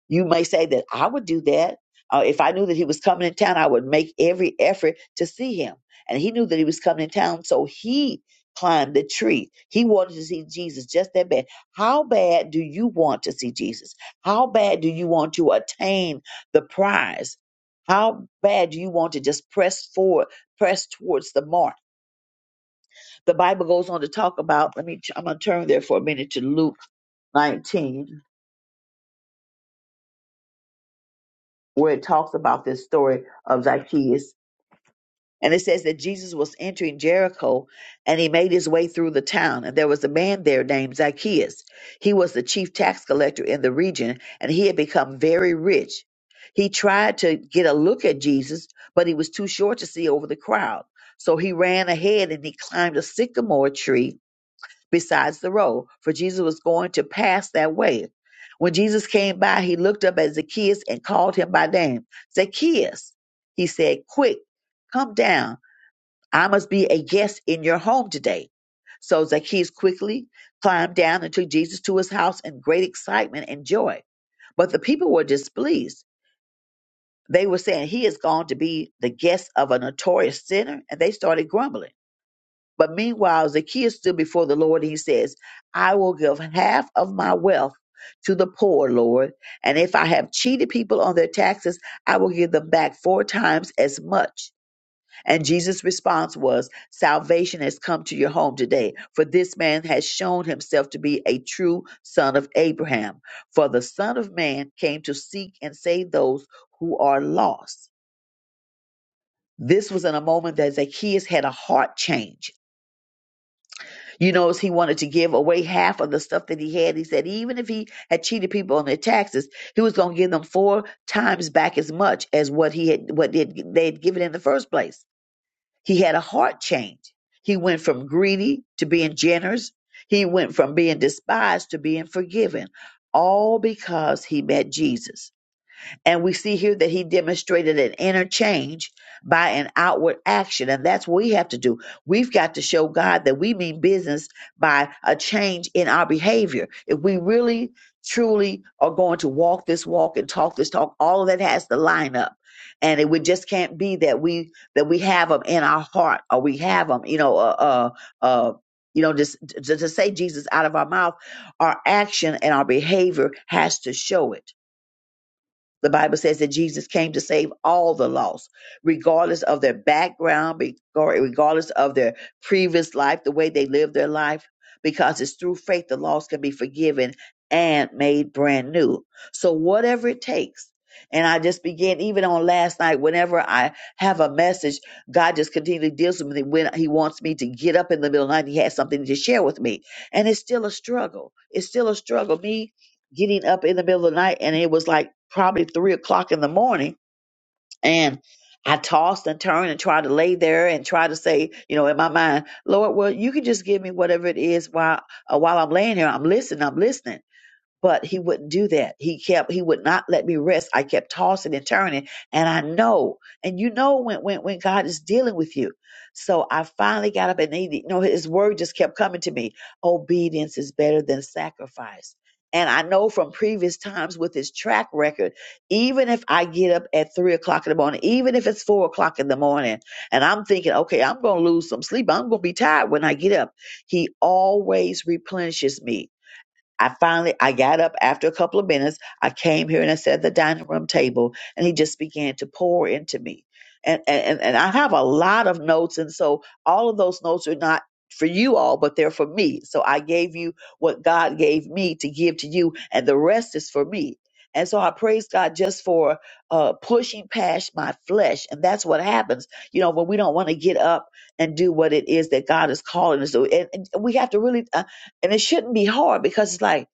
S4: You may say that I would do that. Uh, if I knew that he was coming in town, I would make every effort to see him. And he knew that he was coming in town, so he climbed the tree. He wanted to see Jesus just that bad. How bad do you want to see Jesus? How bad do you want to attain the prize? How bad do you want to just press forward, press towards the mark? the Bible goes on to talk about, let me, I'm going to turn there for a minute to Luke 19, where it talks about this story of Zacchaeus. And it says that Jesus was entering Jericho and he made his way through the town. And there was a man there named Zacchaeus. He was the chief tax collector in the region and he had become very rich. He tried to get a look at Jesus, but he was too short to see over the crowd. So he ran ahead and he climbed a sycamore tree besides the road, for Jesus was going to pass that way. When Jesus came by, he looked up at Zacchaeus and called him by name. Zacchaeus, he said, quick, come down. I must be a guest in your home today. So Zacchaeus quickly climbed down and took Jesus to his house in great excitement and joy. But the people were displeased. They were saying, He is gone to be the guest of a notorious sinner, and they started grumbling. But meanwhile, Zacchaeus stood before the Lord and he says, I will give half of my wealth to the poor, Lord. And if I have cheated people on their taxes, I will give them back four times as much. And Jesus' response was, Salvation has come to your home today, for this man has shown himself to be a true son of Abraham. For the Son of Man came to seek and save those who are lost. This was in a moment that Zacchaeus had a heart change You notice he wanted to give away half of the stuff that he had. He said even if he had cheated people on their taxes, he was going to give them four times back as much as what he had what they had they had given in the first place. He had a heart change. He went from greedy to being generous. He went from being despised to being forgiven, all because he met Jesus. And we see here that he demonstrated an inner change by an outward action. And that's what we have to do. We've got to show God that we mean business by a change in our behavior. If we really, truly are going to walk this walk and talk this talk, all of that has to line up. And it would just can't be that we that we have them in our heart or we have them, you know, uh, uh, uh you know, just to, to say Jesus out of our mouth, our action and our behavior has to show it the Bible says that Jesus came to save all the lost, regardless of their background, regar- regardless of their previous life, the way they lived their life, because it's through faith the lost can be forgiven and made brand new. So, whatever it takes. And I just began, even on last night, whenever I have a message, God just continually deals with me when He wants me to get up in the middle of the night. He has something to share with me. And it's still a struggle. It's still a struggle. Me getting up in the middle of the night and it was like probably three o'clock in the morning and I tossed and turned and tried to lay there and tried to say, you know, in my mind, Lord, well, you can just give me whatever it is while uh, while I'm laying here. I'm listening. I'm listening but he wouldn't do that. He kept he would not let me rest. I kept tossing and turning, and I know, and you know when when when God is dealing with you. So I finally got up and he, you know his word just kept coming to me. Obedience is better than sacrifice. And I know from previous times with his track record, even if I get up at three o'clock in the morning, even if it's four o'clock in the morning, and I'm thinking, okay, I'm going to lose some sleep. I'm going to be tired when I get up. He always replenishes me. I finally I got up after a couple of minutes. I came here and I sat at the dining room table and he just began to pour into me. And and, and I have a lot of notes and so all of those notes are not for you all, but they're for me. So I gave you what God gave me to give to you, and the rest is for me. And so I praise God just for uh, pushing past my flesh. And that's what happens, you know, when we don't want to get up and do what it is that God is calling us to. And, and we have to really and it shouldn't be hard because it's like,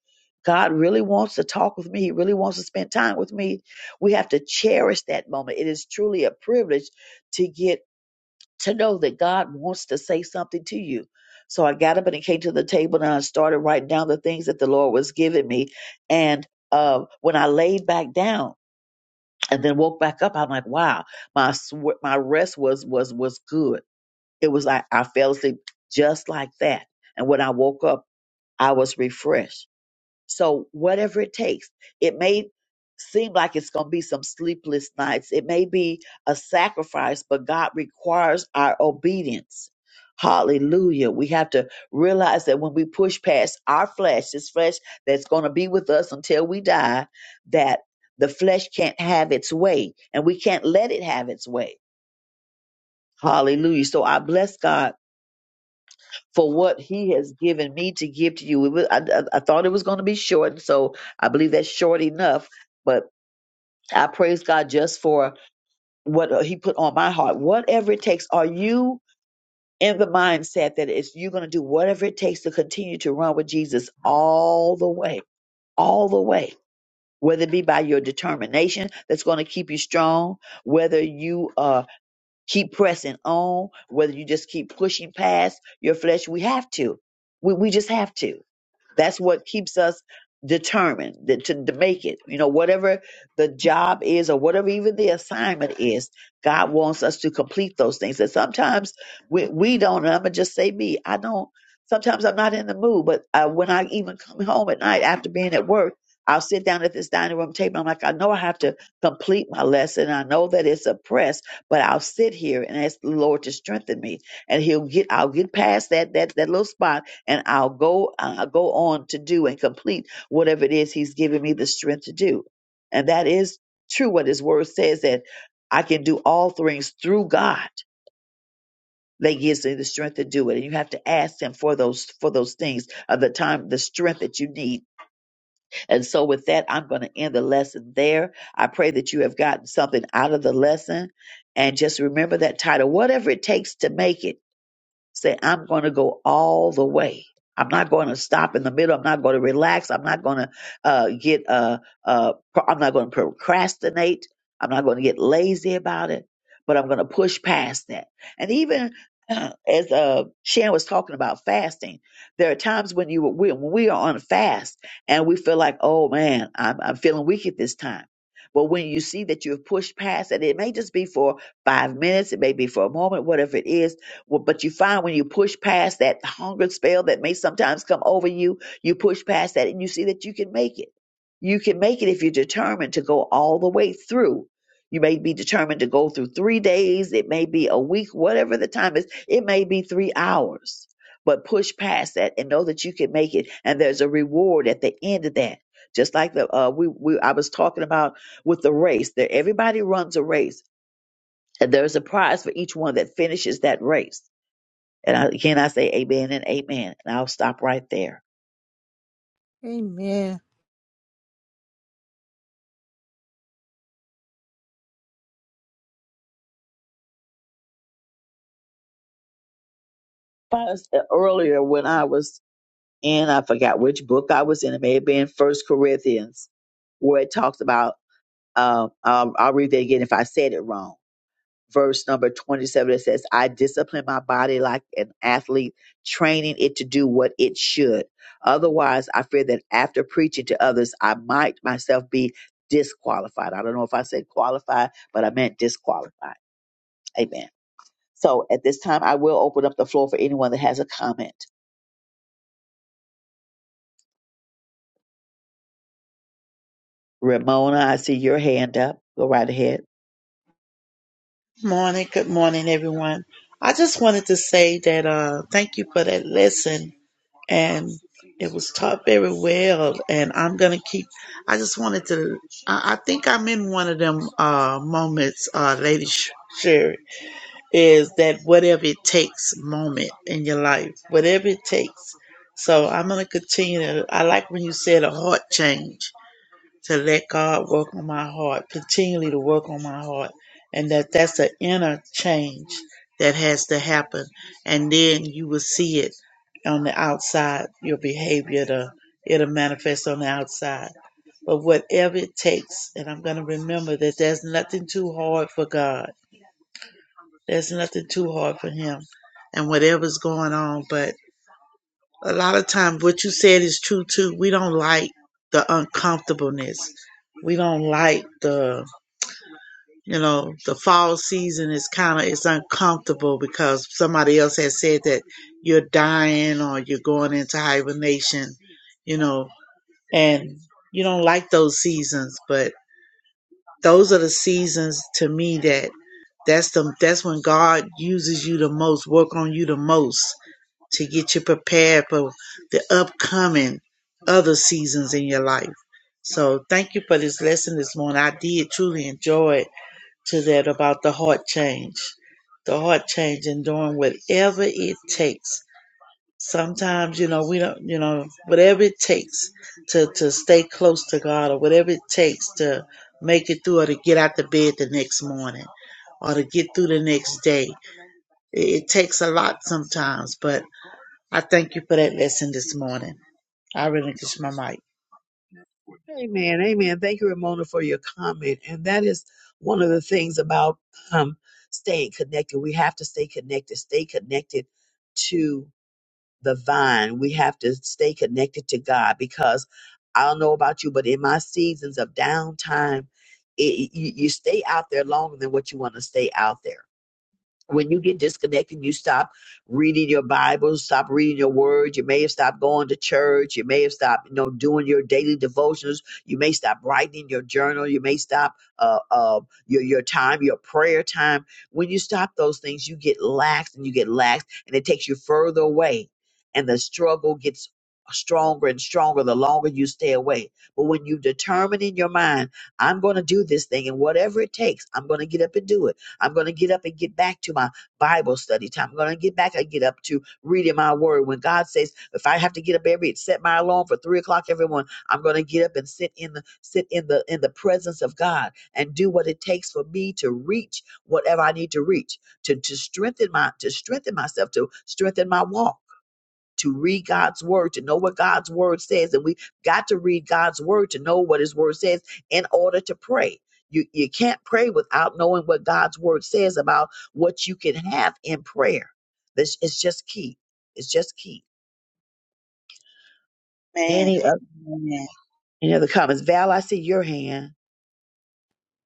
S4: God really wants to talk with me. He really wants to spend time with me. We have to cherish that moment. It is truly a privilege to get to know that God wants to say something to you. So I got up and I came to the table and I started writing down the things that the Lord was giving me. And uh, when I laid back down and then woke back up, I'm like, wow, my sw- my rest was was was good. It was like I fell asleep just like that. And when I woke up, I was refreshed. So whatever it takes, it may seem like it's going to be some sleepless nights. It may be a sacrifice, but God requires our obedience. Hallelujah. We have to realize that when we push past our flesh, this flesh that's going to be with us until we die, that the flesh can't have its way and we can't let it have its way. Hallelujah. So I bless God for what he has given me to give to you. It was, I, I, I thought it was going to be short, so I believe that's short enough. But I praise God just for what uh, he put on my heart. Whatever it takes, are you in the mindset that it's you're going to do whatever it takes to continue to run with Jesus all the way, all the way? Whether it be by your determination that's going to keep you strong, whether you uh, keep pressing on, whether you just keep pushing past your flesh, we have to. We, we just have to that's what keeps us determined that- to, to make it. You know, whatever the job is or whatever even the assignment is, God wants us to complete those things. And sometimes we, we don't, and I'm going to just say me, I don't, sometimes I'm not in the mood, but uh, when I even come home at night after being at work, I'll sit down at this dining room table. I'm like, I know I have to complete my lesson. I know that it's a press, but I'll sit here and ask the Lord to strengthen me, and He'll get. I'll get past that that that little spot, and I'll go uh, go on to do and complete whatever it is He's given me the strength to do. And that is true. What His Word says that I can do all things through God that gives me the strength to do it. And you have to ask Him for those for those things of the time, the strength that you need. And so, with that, I'm going to end the lesson there. I pray that you have gotten something out of the lesson, and just remember that title, whatever it takes to make it. Say, I'm going to go all the way. I'm not going to stop in the middle. I'm not going to relax. I'm not going to uh, get. Uh, uh, pro- I'm not going to procrastinate. I'm not going to get lazy about it. But I'm going to push past that. And even as uh, Shan was talking about fasting, there are times when you when we are on a fast and we feel like, oh man, I'm, I'm feeling weak at this time. But when you see that you've pushed past it, it may just be for five minutes, it may be for a moment, whatever it is well, but you find when you push past that hunger spell that may sometimes come over you, you push past that and you see that you can make it. You can make it if you're determined to go all the way through. You may be determined to go through three days, it may be a week, whatever the time is, it may be three hours. But push past that and know that you can make it, and there's a reward at the end of that. Just like the uh, we, we I was talking about with the race, that everybody runs a race, and there's a prize for each one that finishes that race and I, again, I say amen and amen. And I'll stop right there.
S1: Amen.
S4: But I said earlier when I was in, I forgot which book I was in. It may have been First Corinthians, where it talks about, um, um, I'll read that again if I said it wrong. Verse number 27, it says, I discipline my body like an athlete, training it to do what it should. Otherwise, I fear that after preaching to others, I might myself be disqualified. I don't know if I said qualified, but I meant disqualified. Amen. So at this time, I will open up the floor for anyone that has a comment. Ramona, I see your hand up. Go right ahead.
S15: Morning, good morning, everyone. I just wanted to say that uh, thank you for that lesson, and it was taught very well. And I'm gonna keep. I just wanted to. I, I think I'm in one of them uh, moments, uh, Lady Sh- Sherry, is that whatever it takes moment in your life, whatever it takes. So I'm gonna continue. To, I like when you said a heart change to let God work on my heart, continually to work on my heart, and that that's an inner change that has to happen, and then you will see it on the outside. Your behavior, to, it'll manifest on the outside. But whatever it takes, and I'm going to remember that there's nothing too hard for God. There's nothing too hard for Him, and whatever's going on, but a lot of times what you said is true too we don't like the uncomfortableness we don't like the you know the fall season is kind of it's uncomfortable because somebody else has said that you're dying or you're going into hibernation you know and you don't like those seasons but those are the seasons to me that that's the that's when god uses you the most work on you the most to get you prepared for the upcoming other seasons in your life. So thank you for this lesson this morning. I did truly enjoy it to that about the heart change. The heart change and doing whatever it takes. Sometimes, you know, we don't you know, whatever it takes to, to stay close to God or whatever it takes to make it through or to get out the bed the next morning or to get through the next day. It, it takes a lot sometimes, but I thank you for that lesson this morning. I relinquish my mic.
S4: Amen. Amen. Thank you, Ramona, for your comment. And that is one of the things about um, staying connected. We have to stay connected, stay connected to the vine. We have to stay connected to God because I don't know about you, but in my seasons of downtime, it, you, you stay out there longer than what you want to stay out there. when you get disconnected, you stop reading your Bible, stop reading your word. You may have stopped going to church. You may have stopped, you know, doing your daily devotions. You may stop writing your journal. You may stop uh, uh, your your time, your prayer time. When you stop those things, you get lax and you get lax, and it takes you further away, and the struggle gets stronger and stronger the longer you stay away. But when you determine in your mind, I'm going to do this thing, and whatever it takes, I'm going to get up and do it I'm going to get up and get back to my Bible study time. I'm going to get back and get up to reading my word. When God says, if I have to get up every set my alarm for three o'clock, everyone, I'm going to get up and sit in the sit in the in the presence of God and do what it takes for me to reach whatever I need to reach to to strengthen my to strengthen myself to strengthen my walk to read God's word, to know what God's word says. And we got to read God's word to know what his word says in order to pray. You, you can't pray without knowing what God's word says about what you can have in prayer. This is just key. It's just key.
S15: Man,
S4: Any other,
S15: amen.
S4: any other comments? Val, I see your hand.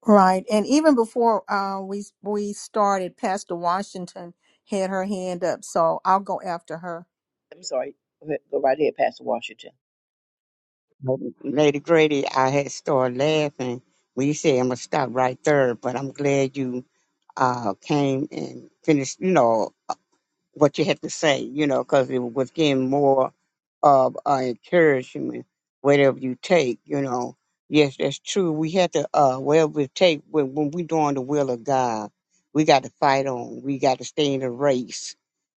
S1: Right, and even before uh, we we started, Pastor Washington had her hand up, so I'll go after her.
S4: I'm sorry. Go ahead- go right ahead, Pastor Washington.
S11: mic, Lady Grady, I had started laughing when you said I'm gonna stop right there, but I'm glad you uh came and finished, you know, what you have to say, you know, because it was getting more of uh, encouragement, whatever you take, you know. Yes, that's true. We have to, uh, whatever we take, when, when we doing the will of God, we got to fight on. We got to stay in the race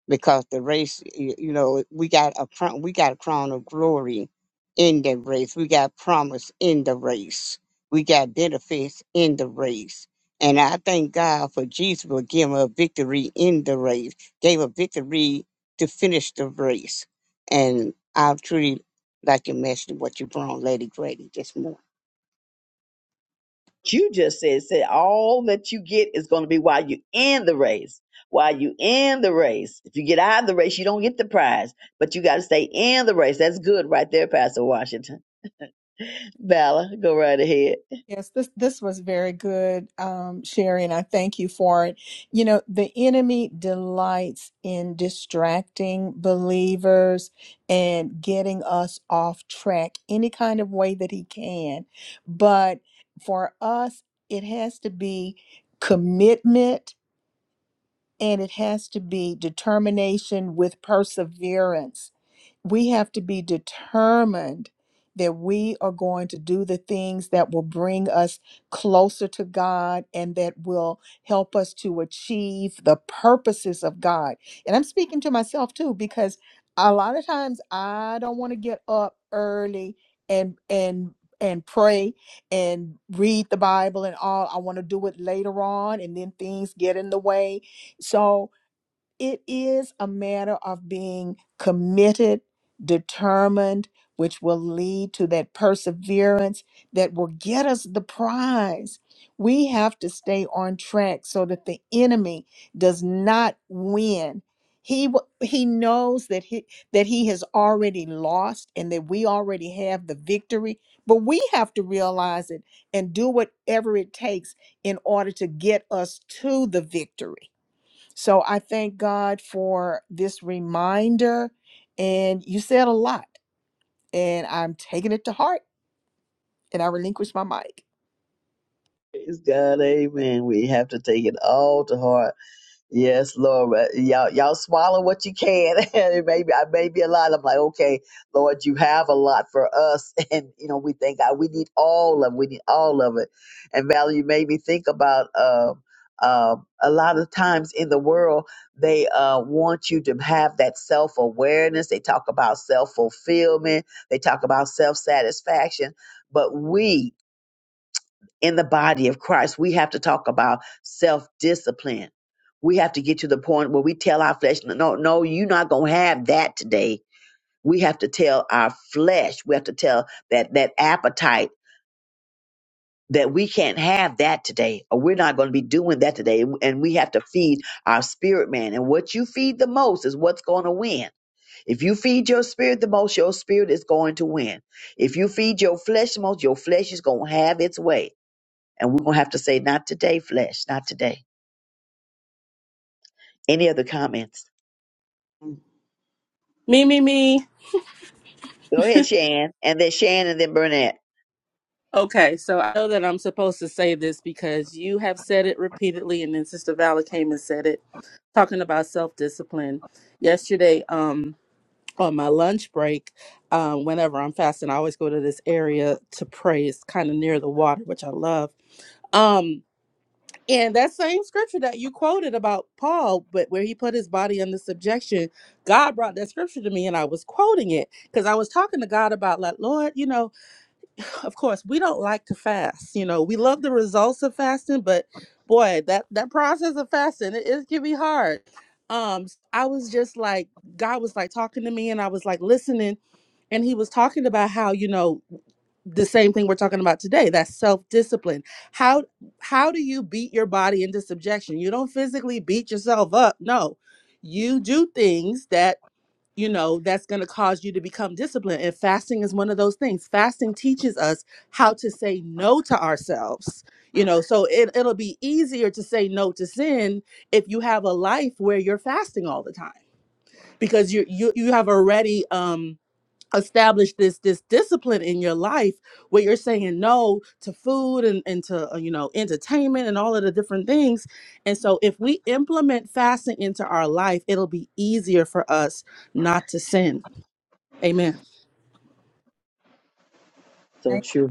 S11: because the race, y- you know, we got a, pro- we got a crown of glory in the race. We got promise in the race. We got benefits in the race. And I thank God for Jesus for giving us victory in the race gave a victory to finish the race. And I truly like you mentioned what you brought on Lady Grady this morning.
S4: you just said said all that you get is going to be while you in the race while you in the race if you get out of the race you don't get the prize but you got to stay in the race that's good right there pastor washington Valor, go right ahead
S1: Yes, this this was very good, um, Sherry, and I thank you for it. You know, the enemy delights in distracting believers and getting us off track any kind of way that he can. But for us, it has to be commitment and it has to be determination with perseverance we have to be determined that we are going to do the things that will bring us closer to God and that will help us to achieve the purposes of God. And I'm speaking to myself too because a lot of times I don't want to get up early and and and pray and read the Bible and all. I want to do it later on and then things get in the way. So it is a matter of being committed, determined, which will lead to that perseverance that will get us the prize. We have to stay on track so that the enemy does not win. He w- he knows that he that he has already lost and that we already have the victory, but we have to realize it and do whatever it takes in order to get us to the victory. So I thank God for this reminder. And you said a lot, and I'm taking it to heart, and I relinquish my mic.
S4: praise god amen we have to take it all to heart Yes, Lord. Uh, Y'all, y'all swallow what you can. And it may be, I may be a lot. I'm like, okay, Lord, you have a lot for us. And, you know, we thank God we need all of We need all of it. And Valerie, you made me think about, um, um, a lot of times in the world, they uh, want you to have that self awareness. They talk about self fulfillment. They talk about self satisfaction. But we, in the body of Christ, we have to talk about self discipline. We have to get to the point where we tell our flesh, no, no, no, you're not going to have that today. We have to tell our flesh, we have to tell that, that appetite that we can't have that today, or we're not going to be doing that today. And we have to feed our spirit man. And what you feed the most is what's going to win. If you feed your spirit the most, your spirit is going to win. If you feed your flesh the most, your flesh is going to have its way. And we're going to have to say, not today, flesh, not today. Any other comments?
S13: Me, me, me.
S4: Go ahead, Shan. And then Shan and then Burnett.
S13: Okay, so I know that I'm supposed to say this because you have said it repeatedly, and then Sister Vala came and said it, talking about self discipline yesterday. Um, on my lunch break, um, whenever I'm fasting, I always go to this area to pray. It's kind of near the water, which I love. Um, and that same scripture that you quoted about Paul, but where he put his body under subjection, God brought that scripture to me, and I was quoting it because I was talking to God about, like, Lord, you know, of course we don't like to fast. You know, we love the results of fasting, but boy, that that process of fasting it, it can be hard. Um, I was just like, God was like talking to me, and I was like listening and he was talking about how you know the same thing we're talking about today that's self-discipline how how do you beat your body into subjection you don't physically beat yourself up no you do things that you know that's going to cause you to become disciplined and fasting is one of those things fasting teaches us how to say no to ourselves you know so it, it'll be easier to say no to sin if you have a life where you're fasting all the time because you you, you have already um establish this this discipline in your life where you're saying no to food and, and to uh, you know entertainment and all of the different things and so if we implement fasting into our life it'll be easier for us not to sin amen
S4: So true.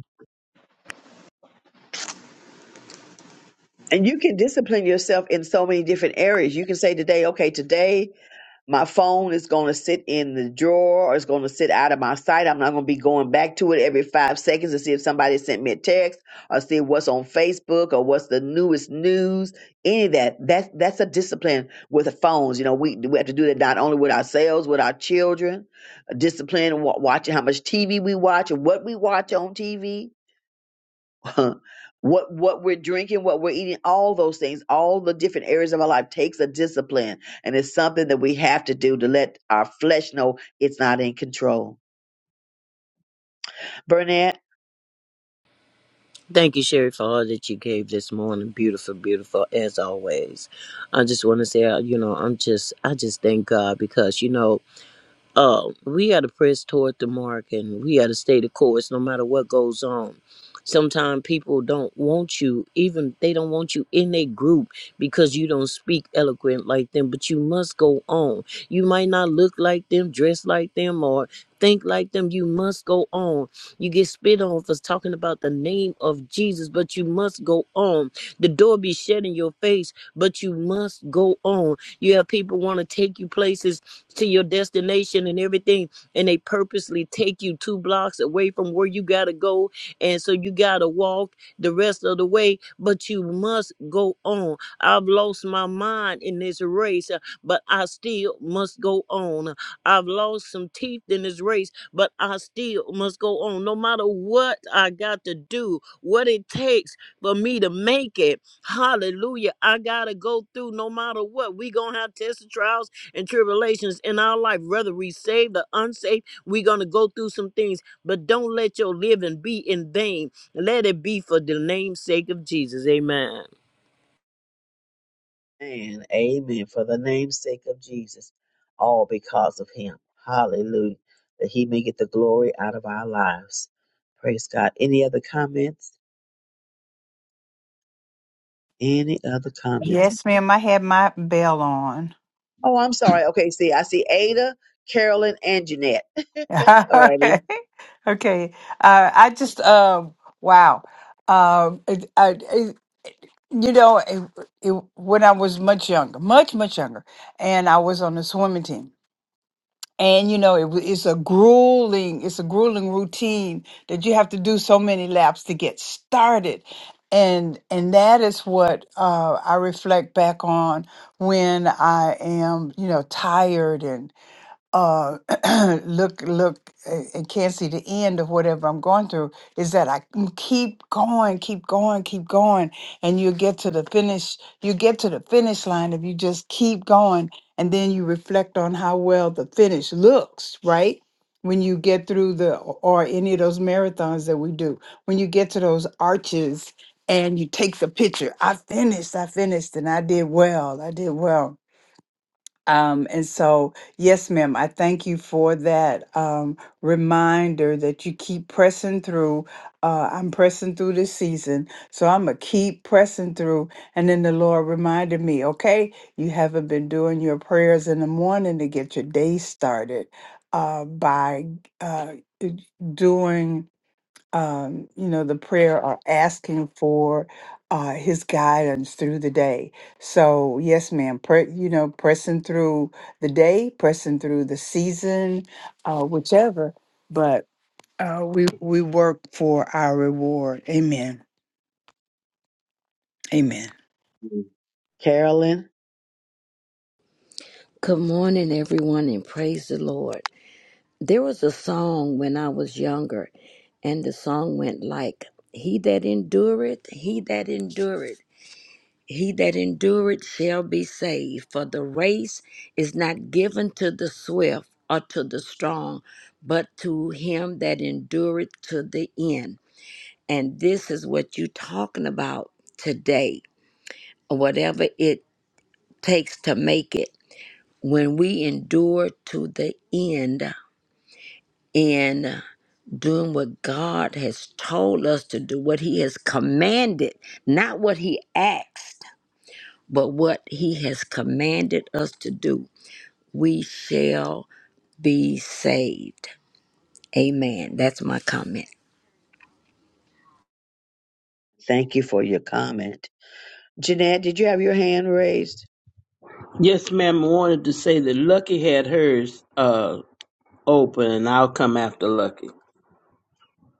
S4: And you can discipline yourself in so many different areas. You can say today, okay, today my phone is going to sit in the drawer or it's going to sit out of my sight. I'm not going to be going back to it every five seconds to see if somebody sent me a text or see what's on Facebook or what's the newest news. Any of that. That's that's a discipline with the phones. You know, we we have to do that not only with ourselves, with our children. A discipline wa- watching how much TV we watch and what we watch on TV what what we're drinking, what we're eating, all those things, all the different areas of our life takes a discipline, and it's something that we have to do to let our flesh know it's not in control. Burnett,
S14: Thank you, Sherry, for all that you gave this morning. Beautiful, beautiful, as always. I just want to say, uh, you know, I'm just, I just thank God because, you know, uh, we got to press toward the mark and we got to stay the course no matter what goes on. Sometimes people don't want you, even they don't want you in their group because you don't speak eloquent like them, but you must go on. You might not look like them, dress like them, or think like them. You must go on. You get spit on for talking about the name of Jesus, but you must go on. The door be shut in your face, but you must go on. You have people want to take you places to your destination and everything and they purposely take you two blocks away from where you got to go and so you got to walk the rest of the way but you must go on i've lost my mind in this race uh, but i still must go on i've lost some teeth in this race but i still must go on no matter what i got to do what it takes for me to make it hallelujah i got to go through no matter what we going to have tests and trials and tribulations in our life, whether we saved or unsaved, we're going to go through some things, but don't let your living be in vain. Let it be for the name's sake of Jesus. Amen.
S4: and Amen. For the name's sake of Jesus, all because of Him. Hallelujah, that He may get the glory out of our lives. Praise God. Any other comments? Any other comments?
S6: Yes, ma'am. I had my bell on.
S4: Oh, I'm sorry. Okay, see, I see Ada, Carolyn, and Jeanette. All right.
S6: okay. Okay. Uh, I just, uh, wow. Uh, it, I, it, you know, it, it, when I was much younger, much, much younger, and I was on the swimming team. and you know it, w- it's a grueling it's a grueling routine that you have to do so many laps to get started and and that is what uh, i reflect back on when i am you know tired uh look look uh, and can't see the end of whatever i'm going through is that i can keep going keep going keep going and you get to the finish you get to the finish line if you just keep going and then you reflect on how well the finish looks right when you get through the or any of those marathons that we do when you get to those arches and you take the picture i finished i finished and i did well i did well um, and so, yes, ma'am, I thank you for that um, reminder that you keep pressing through. Uh, I'm pressing through this season, so I'm gonna keep pressing through. And then the Lord reminded me, okay, you haven't been doing your prayers in the morning to get your day started uh, by uh, d- doing um, you know, the prayer or asking for uh, his guidance through the day. So, yes, ma'am, pre- you know, pressing through the day, pressing through the season, uh, whichever, but uh, we, we work for our reward. Amen. Amen.
S4: Carolyn,
S16: Good morning, everyone, and praise the Lord. There was a song when I was younger, and the song went like, He that endureth, he that endureth, he that endureth shall be saved. For the race is not given to the swift or to the strong, but to him that endureth to the end. And this is what you're talking about today, whatever it takes to make it. When we endure to the end, in doing what God has told us to do, what He has commanded, not what He asked, but what He has commanded us to do, we shall be saved. Amen. That's my comment.
S4: thank you for your comment. Jeanette, did you have your hand raised?
S12: Yes, ma'am. I wanted to say that Lucky had hers uh, open, and I'll come after Lucky.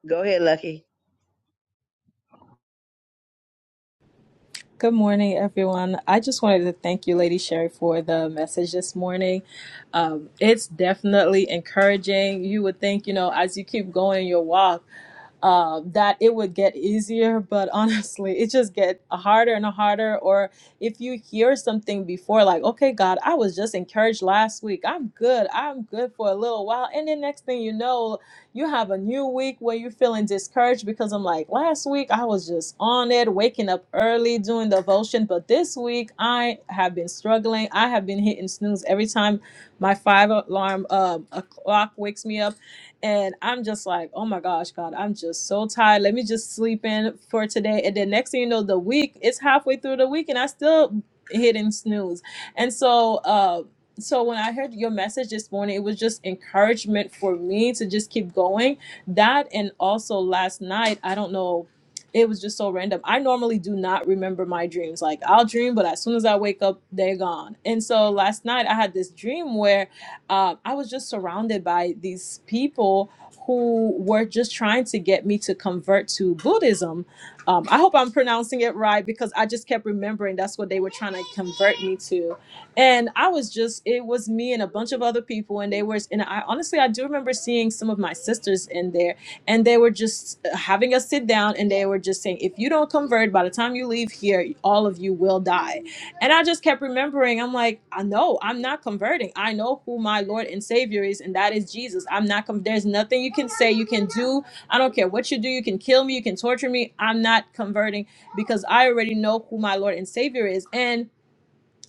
S4: Go ahead, Lucky.
S17: Good morning, everyone. I just wanted to thank you, Lady Sherry, for the message this morning. Um, it's definitely encouraging. You would think, you know, as you keep going your walk, uh, that it would get easier, but honestly, it just get harder and harder. Or if you hear something before, like, okay, God, I was just encouraged last week. I'm good. I'm good for a little while. And then next thing you know, you have a new week where you're feeling discouraged because I'm like, last week I was just on it, waking up early, doing devotion. But this week I have been struggling. I have been hitting snooze every time my five alarm um, a clock wakes me up and I'm just like, oh my gosh, God, I'm just so tired. Let me just sleep in for today. And then next thing you know, the week, it's halfway through the week and I still hitting snooze. And so, uh, so when I heard your message this morning, it was just encouragement for me to just keep going. That and also last night, I don't know, it was just so random. I normally do not remember my dreams. Like I'll dream, but as soon as I wake up, they're gone. And so last night I had this dream where uh, I was just surrounded by these people who were just trying to get me to convert to Buddhism. Um, I hope I'm pronouncing it right because I just kept remembering that's what they were trying to convert me to. And I was just, it was me and a bunch of other people. And they were, and I honestly, I do remember seeing some of my sisters in there and they were just uh, having us sit down and they were just saying, if you don't convert by the time you leave here, all of you will die and I just kept remembering, I'm like, I know I'm not converting. I know who my Lord and Savior is, and that is Jesus. I'm not, com- there's nothing you can say, you can do. I don't care what you do. You can kill me, you can torture me. I'm not converting because I already know who my Lord and Savior is. And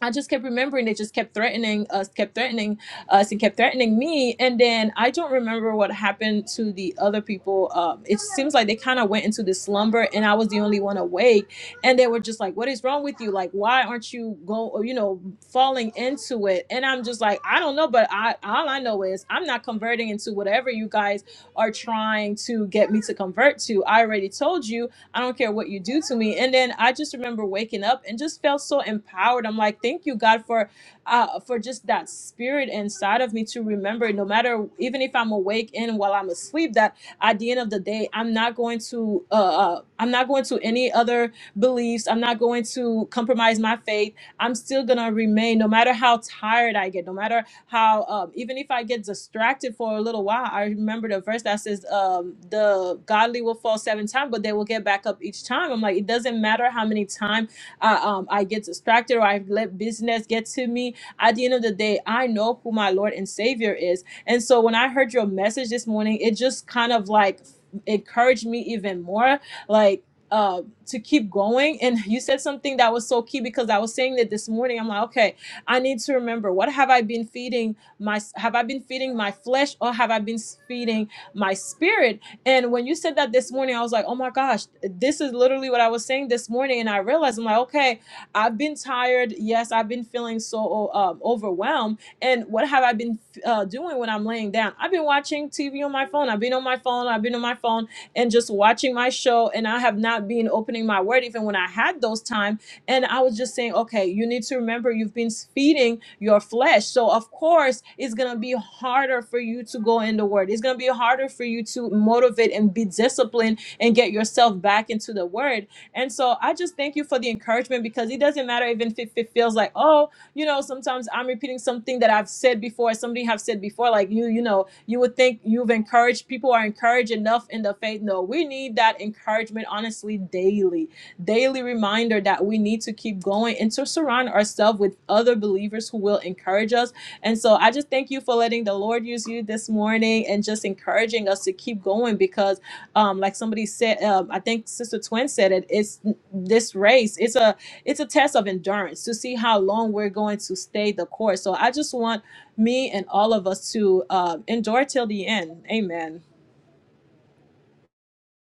S17: I just kept remembering they just kept threatening us, kept threatening us, and kept threatening me. And then I don't remember what happened to the other people. Um, it seems like they kind of went into this slumber, and I was the only one awake. And they were just like, "What is wrong with you? Like, why aren't you going? You know, falling into it?" And I'm just like, "I don't know, but I all I know is I'm not converting into whatever you guys are trying to get me to convert to. I already told you, I don't care what you do to me. And then I just remember waking up and just felt so empowered. I'm like, thank you, God, for uh, for just that spirit inside of me to remember, no matter even if I'm awake and while I'm asleep, that at the end of the day, I'm not going to uh, uh, I'm not going to any other beliefs. I'm not going to compromise my faith. I'm still gonna remain, no matter how tired I get, no matter how um, even if I get distracted for a little while, I remember the verse that says, um, "The godly will fall seven times, but they will get back up each time." I'm like, it doesn't matter how many times I, um, I get distracted or I let business get to me. At the end of the day, I know who my Lord and Savior is. And so when I heard your message this morning, it just kind of like encouraged me even more, like. Uh, to keep going, and you said something that was so key because I was saying that this morning. I'm like, okay, I need to remember what have I been feeding my have I been feeding my flesh or have I been feeding my spirit? And when you said that this morning, I was like, oh my gosh, this is literally what I was saying this morning. And I realized I'm like, okay, I've been tired. Yes, I've been feeling so um, overwhelmed. And what have I been uh, doing when I'm laying down? I've been watching TV on my phone. I've been on my phone. I've been on my phone and just watching my show. And I have not been opening my word even when I had those times and I was just saying, okay, you need to remember you've been feeding your flesh. So, of course, it's going to be harder for you to go in the word. It's going to be harder for you to motivate and be disciplined and get yourself back into the word. And so, I just thank you for the encouragement because it doesn't matter even if it it feels like, oh, you know, sometimes I'm repeating something that I've said before, somebody have said before, like you, you know, you would think you've encouraged people are encouraged enough in the faith. No, we need that encouragement honestly daily daily reminder that we need to keep going and to surround ourselves with other believers who will encourage us. And so I just thank you for letting the Lord use you this morning and just encouraging us to keep going because, um, like somebody said, um, I think Sister Twin said it. It's this race. It's a it's a test of endurance to see how long we're going to stay the course. So I just want me and all of us to uh, endure till the end. Amen.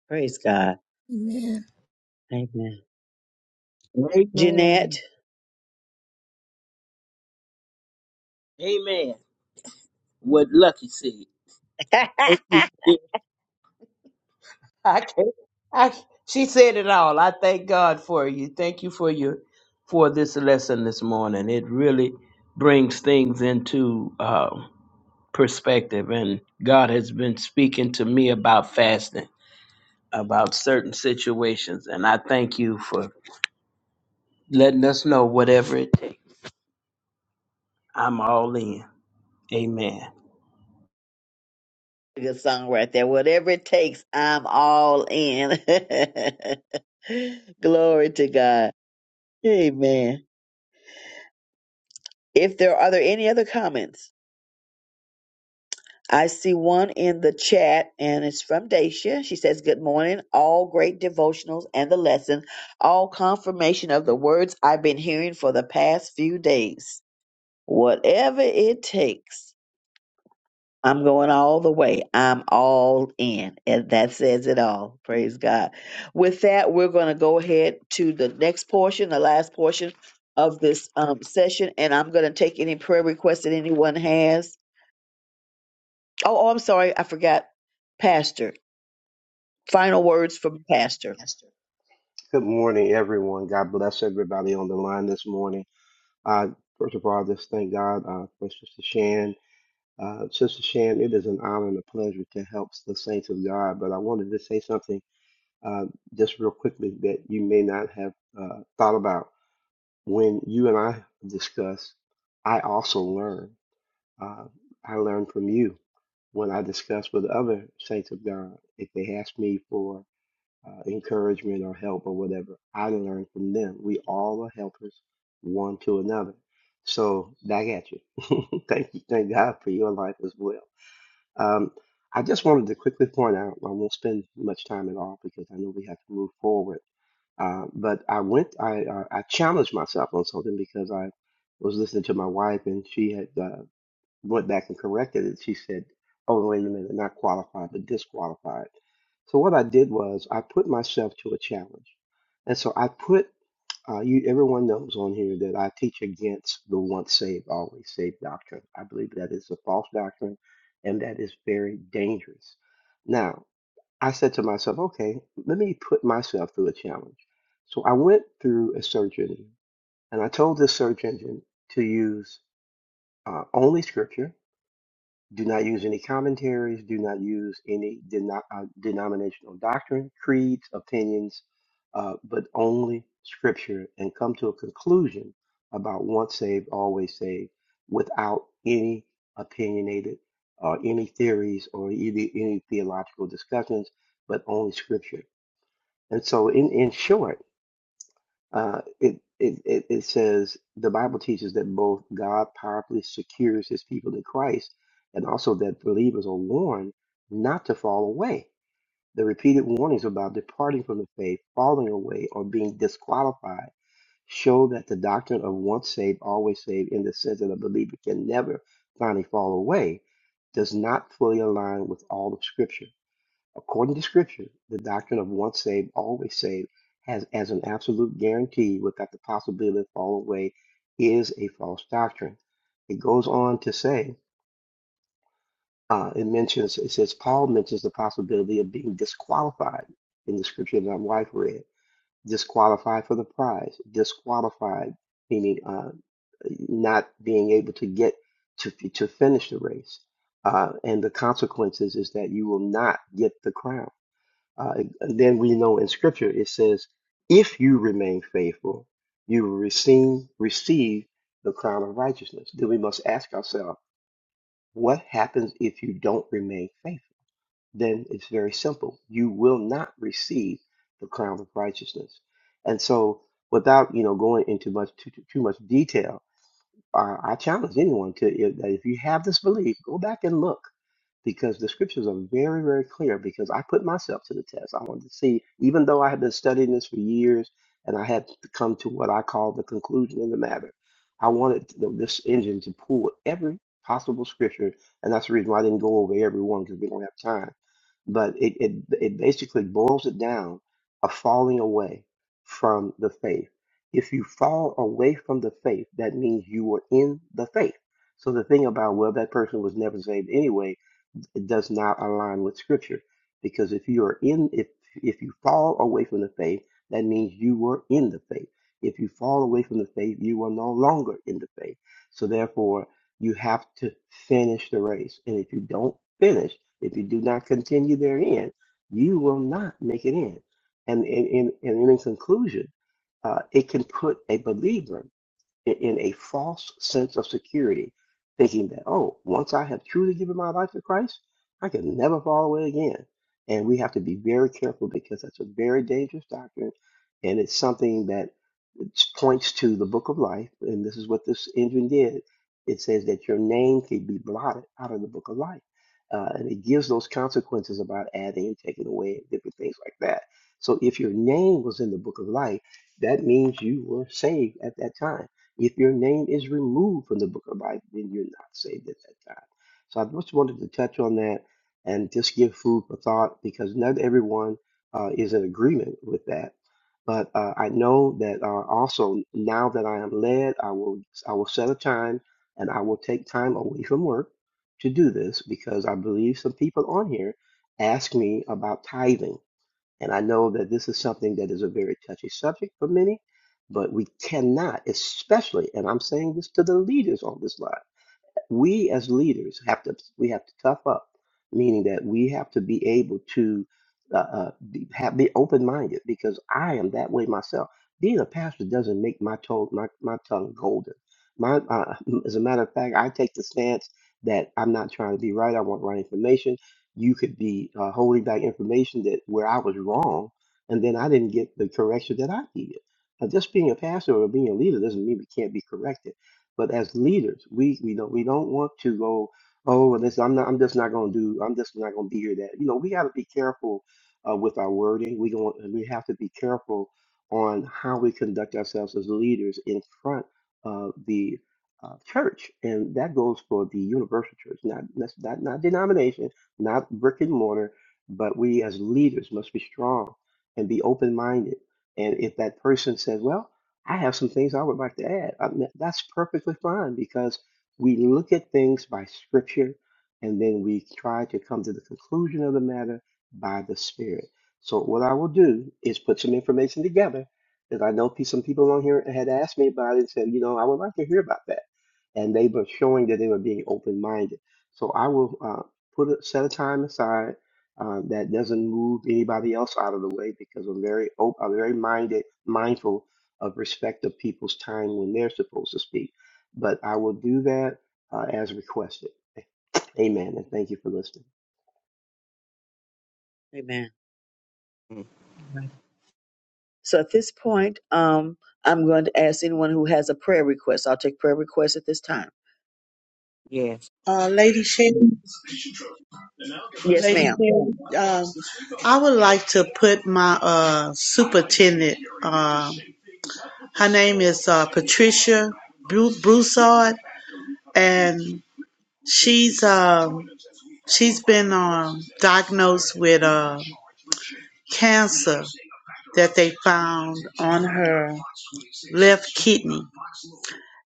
S4: Praise God.
S1: Amen.
S4: Amen. Jeanette.
S3: Amen.
S12: Amen. What Lucky said. Thank you. Yeah. I can't. I, she said it all. I thank God for you. Thank you for your for this lesson this morning. It really brings things into uh, perspective. And God has been speaking to me about fasting, about certain situations, and I thank you for letting us know whatever it takes. I'm all in. Amen.
S4: Good song right there. Whatever it takes, I'm all in. Glory to God. Amen. If there are there any other comments? I see one in the chat, and it's from Dacia. She says, Good morning. All great devotionals and the lesson, all confirmation of the words I've been hearing for the past few days. Whatever it takes, I'm going all the way. I'm all in. And that says it all. Praise God. With that, we're going to go ahead to the next portion, the last portion of this um, session, and I'm going to take any prayer requests that anyone has. Oh, oh, I'm sorry. I forgot. Pastor. Final words from Pastor.
S5: Good morning, everyone. God bless everybody on the line this morning. Uh, first of all, I just thank God uh, for Sister Shan. Uh, Sister Shan, it is an honor and a pleasure to help the saints of God, but I wanted to say something uh, just real quickly that you may not have uh, thought about. When you and I discuss, I also learn. Uh, I learn from you when I discuss with other saints of God. If they ask me for uh, encouragement or help or whatever, I learn from them. We all are helpers one to another. So back at you. thank you. Thank God for your life as well. Um, I just wanted to quickly point out, I won't spend much time at all because I know we have to move forward. Uh, but I went, I, uh, I challenged myself on something because I was listening to my wife and she had uh, went back and corrected it. She said, "Oh, wait a minute, not qualified, but disqualified." So what I did was I put myself to a challenge, and so I put uh, you. Everyone knows on here that I teach against the once saved, always saved doctrine. I believe that is a false doctrine, and that is very dangerous. Now I said to myself, "Okay, let me put myself through a challenge." So I went through a search engine, and I told this search engine to use uh, only scripture do not use any commentaries. Do not use any deno- uh, denominational doctrine, creeds, opinions, uh, but only scripture and come to a conclusion about once saved, always saved without any opinionated or any theories or any, any theological discussions, but only scripture. And so, in, in short, uh, it, it, it, it says the Bible teaches that both God powerfully secures his people in Christ and also that believers are warned not to fall away. The repeated warnings about departing from the faith, falling away, or being disqualified show that the doctrine of once saved, always saved, in the sense that a believer can never finally fall away, does not fully align with all of Scripture. According to Scripture, the doctrine of once saved, always saved has as an absolute guarantee without the possibility of falling away is a false doctrine. It goes on to say, uh, it mentions, it says, Paul mentions the possibility of being disqualified in the scripture that my wife read, disqualified for the prize, disqualified, meaning uh, not being able to get to, to finish the race. Uh, and the consequences is that you will not get the crown uh, and then we know in Scripture it says, if you remain faithful, you will receive, receive the crown of righteousness. Then we must ask ourselves, what happens if you don't remain faithful? Then it's very simple. You will not receive the crown of righteousness. And so, without you know going into much too, too too much detail, uh, I challenge anyone to if, that if you have this belief, go back and look because the scriptures are very, very clear. Because I put myself to the test. I wanted to see, even though I had been studying this for years and I had to come to what I call the conclusion in the matter, I wanted to- this engine to pull every possible scripture, and that's the reason why I didn't go over every one because we don't have time. But it, it it basically boils it down a falling away from the faith if you fall away from the faith, that means you were in the faith. So the thing about, well, that person was never saved anyway, it does not align with scripture because if you are in if if you fall away from the faith that means you were in the faith if you fall away from the faith you are no longer in the faith so therefore you have to finish the race and if you don't finish if you do not continue therein you will not make it in and in in, and in conclusion uh, it can put a believer in, a false sense of security, thinking that, oh, once I have truly given my life to Christ, I can never fall away again. And we have to be very careful because that's a very dangerous doctrine. And it's something that points to the book of life. And this is what this engine did it says that your name can be blotted out of the book of life. Uh, and it gives those consequences about adding and taking away and different things like that. So if your name was in the book of life, that means you were saved at that time if your name is removed from the book of life, then you're not saved at that time. So I just wanted to touch on that and just give food for thought because not everyone uh, is in agreement with that. But uh, I know that uh, also now that I am led, I will I will set a time and I will take time away from work to do this because I believe some people on here ask me about tithing and I know that this is something that is a very touchy subject for many, but we cannot, especially, and I'm saying this to the leaders on this line we as leaders have to we have to tough up, meaning that we have to be able to uh, uh, be, have, be open minded because I am that way myself. Being a pastor doesn't make my tongue my, my tongue golden. My uh, as a matter of fact, I take the stance that I'm not trying to be right. I want right information. You could be uh, holding back information that where I was wrong, and then I didn't get the correction that I needed. Now, just being a pastor or being a leader doesn't mean we can't be corrected but as leaders, we we don't we don't want to go, oh, well, this I'm not I'm just not going to do I'm just not going to be here that. You know, we got to be careful uh, with our wording. We going we have to be careful on how we conduct ourselves as leaders in front of the uh, church, and that goes for the universal church, not that's not not denomination, not brick and mortar, but we as leaders must be strong and be open minded. And if that person says, well, I have some things I would like to add. I mean, that's perfectly fine because we look at things by scripture and then we try to come to the conclusion of the matter by the Spirit. So, what I will do is put some information together that I know pe- some people on here had asked me about it and said, you know, I would like to hear about that. And they were showing that they were being open minded. So, I will uh, put a set of time aside. Uh, that doesn't move anybody else out of the way because I'm very open, I'm very minded, mindful of respect of people's time when they're supposed to speak. But I will do that uh, as requested. Amen. And thank you for listening.
S4: Amen.
S11: Mhm.
S4: Right. So at this point, um, I'm going to ask anyone who has a prayer request. I'll take prayer requests at this time.
S11: Yes.
S15: Uh, Lady Sherry,
S4: Yes,
S15: Lady
S4: ma'am.
S15: Sherry, um, I would like to put my uh, superintendent. Um, her name is uh, Patricia Bru- Broussard, and she's um, she's been um, diagnosed with uh, cancer that they found on her left kidney.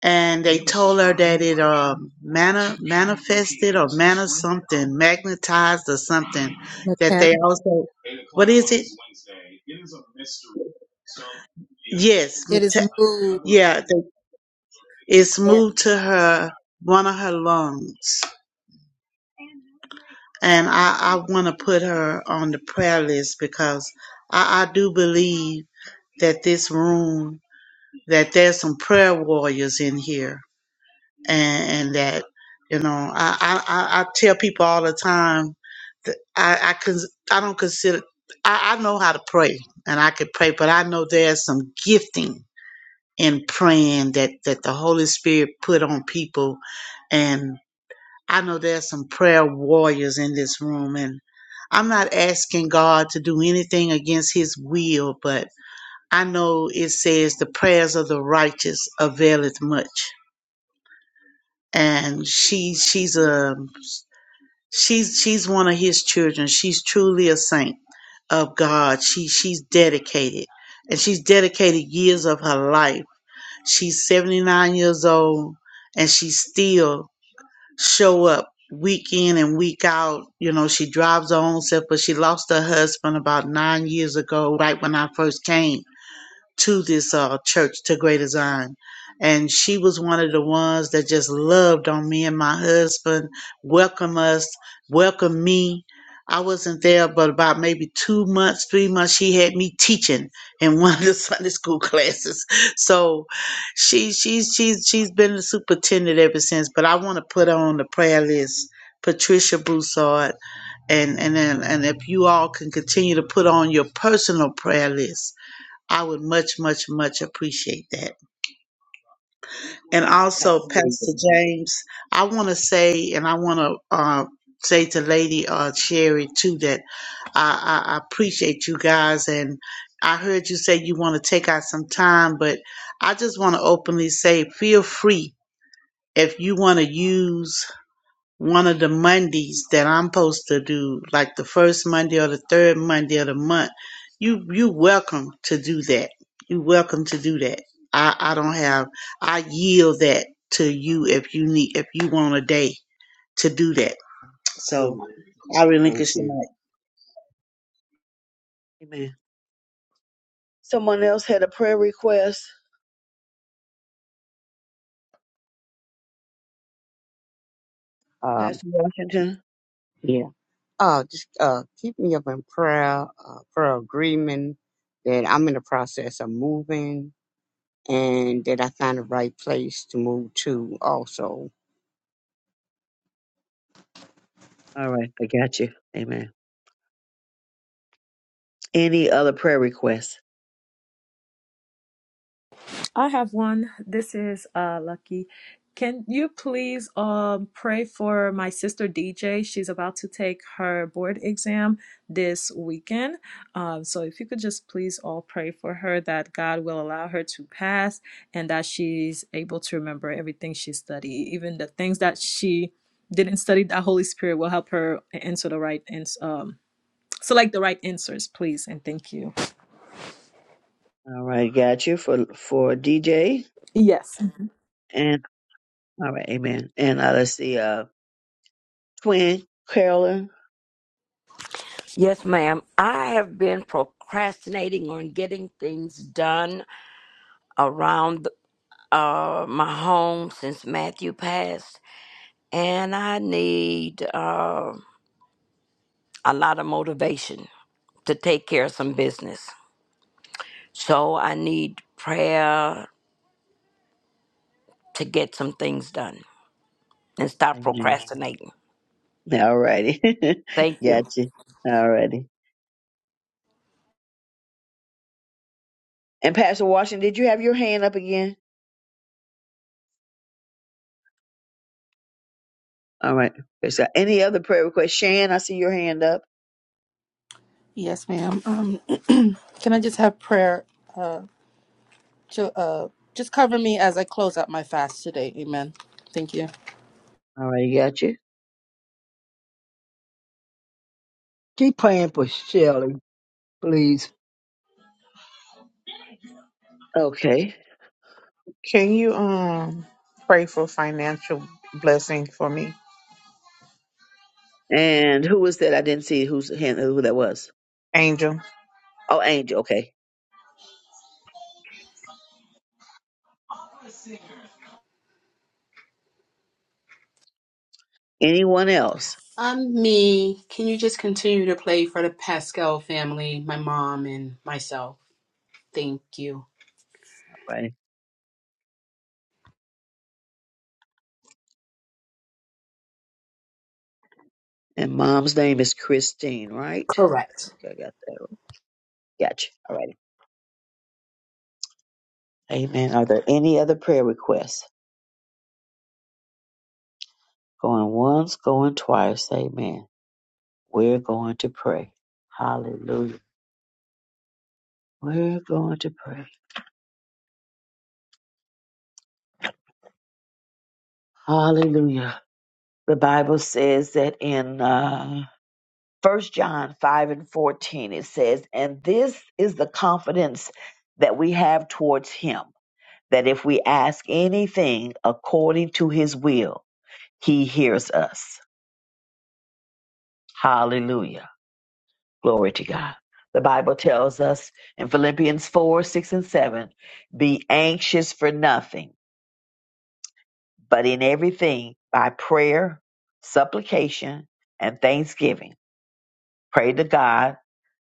S15: and they told her that it uh mana manifested or mana something magnetized or something that
S1: Okay.
S15: they also what is it yes
S1: It is
S15: mate-
S1: moved.
S15: yeah they, it's moved to her one of her lungs and i i want to put her on the prayer list because i i do believe that this room that there's some prayer warriors in here and, and that you know I, I I I tell people all the time that I I cons- I don't consider I, I know how to pray and I can pray, but I know there's some gifting in praying that that the Holy Spirit put on people, and I know there's some prayer warriors in this room and. I'm not asking God to do anything against his will, but I know it says the prayers of the righteous availeth much and she she's a she's she's one of his children. She's truly a saint of God. She she's dedicated, and she's dedicated years of her life. She's seventy nine years old, and she still show up week in and week out. You know, she drives her own self, but she lost her husband about nine years ago, right when I first came to this uh, church to Great Zion. And she was one of the ones that just loved on me and my husband, welcome us, welcome me. I wasn't there, but about maybe two months, three months, she had me teaching in one of the Sunday school classes. So she she's she's she's been the superintendent ever since. But I want to put her on the prayer list, Patricia Broussard, and and then and if you all can continue to put on your personal prayer list I would much, much, much appreciate that. And also,
S4: Pastor
S15: Pastor
S4: David.
S15: James, I want to say, and I want to uh, say to Lady uh, Sherry too, that I, I, I appreciate you guys. And I heard you say you want to take out some time, but I just want to openly say, feel free if you want to use one of the Mondays that I'm supposed to do, like the first Monday or the third Monday of the month, you you welcome to do that. You welcome to do that. I, I don't have I yield that to you if you need if you want a day to do that. So
S5: Amen.
S15: I
S5: Thank
S15: relinquish the
S5: you.
S15: mic.
S4: Amen. Someone else had a prayer request.
S11: Um,
S4: Pastor Washington.
S11: yeah. Uh, just uh, keep me up in prayer, uh, prayer agreement that I'm in the process of moving and that I find the right place to move to also.
S4: All right, I got you. Amen. Any other prayer requests?
S17: I have one. This is uh, Lucky. Can you please um, pray for my sister DJ? She's about to take her board exam this weekend. Um, so, if you could just please all pray for her that God will allow her to pass and that she's able to remember everything she studied, even the things that she didn't study, that Holy Spirit will help her answer the right and um, select the right answers, please. And thank you.
S4: All right, got you for for DJ
S17: Yes.
S4: and all right, amen. And uh, let's see, uh, twin Carolyn.
S16: Yes, ma'am. I have been procrastinating on getting things done around uh, my home since Matthew passed, and I need uh, a lot of motivation to take care of some business. So I need prayer to get some things done and stop
S4: Amen.
S16: procrastinating.
S4: All righty,
S16: Thank
S4: got
S16: you.
S4: you. All And Pastor Washington, did you have your hand up again? All right. Is there any other prayer request? Shan, I see your hand up.
S13: yes ma'am um, can i just have prayer to uh, just cover me as I close out my fast today. Amen. Thank you.
S4: All right, got you.
S3: Keep praying for Shelley, please.
S4: Okay.
S18: Can you um pray for financial blessing for me,
S4: And who was that? I didn't see whose hand who that was.
S18: Angel?
S4: Oh, Angel. Okay. Anyone else?
S7: Um, me. Can you just continue to play for the Pascal family, my mom and myself? Thank you.
S4: All right. And mom's name is Christine, right? I
S7: Correct.
S4: I got that. right. Got you. All right. Amen. Are there any other prayer requests? Going once, going twice. Amen. We're going to pray. Hallelujah. We're going to pray. Hallelujah. The Bible says that in uh, 1 John 5 and 14, it says, And this is the confidence that we have towards him, that if we ask anything according to his will, he hears us. Hallelujah. Glory to God. The Bible tells us in Philippians 4 6 and 7, Be anxious for nothing, but in everything by prayer, supplication, and thanksgiving. Pray to God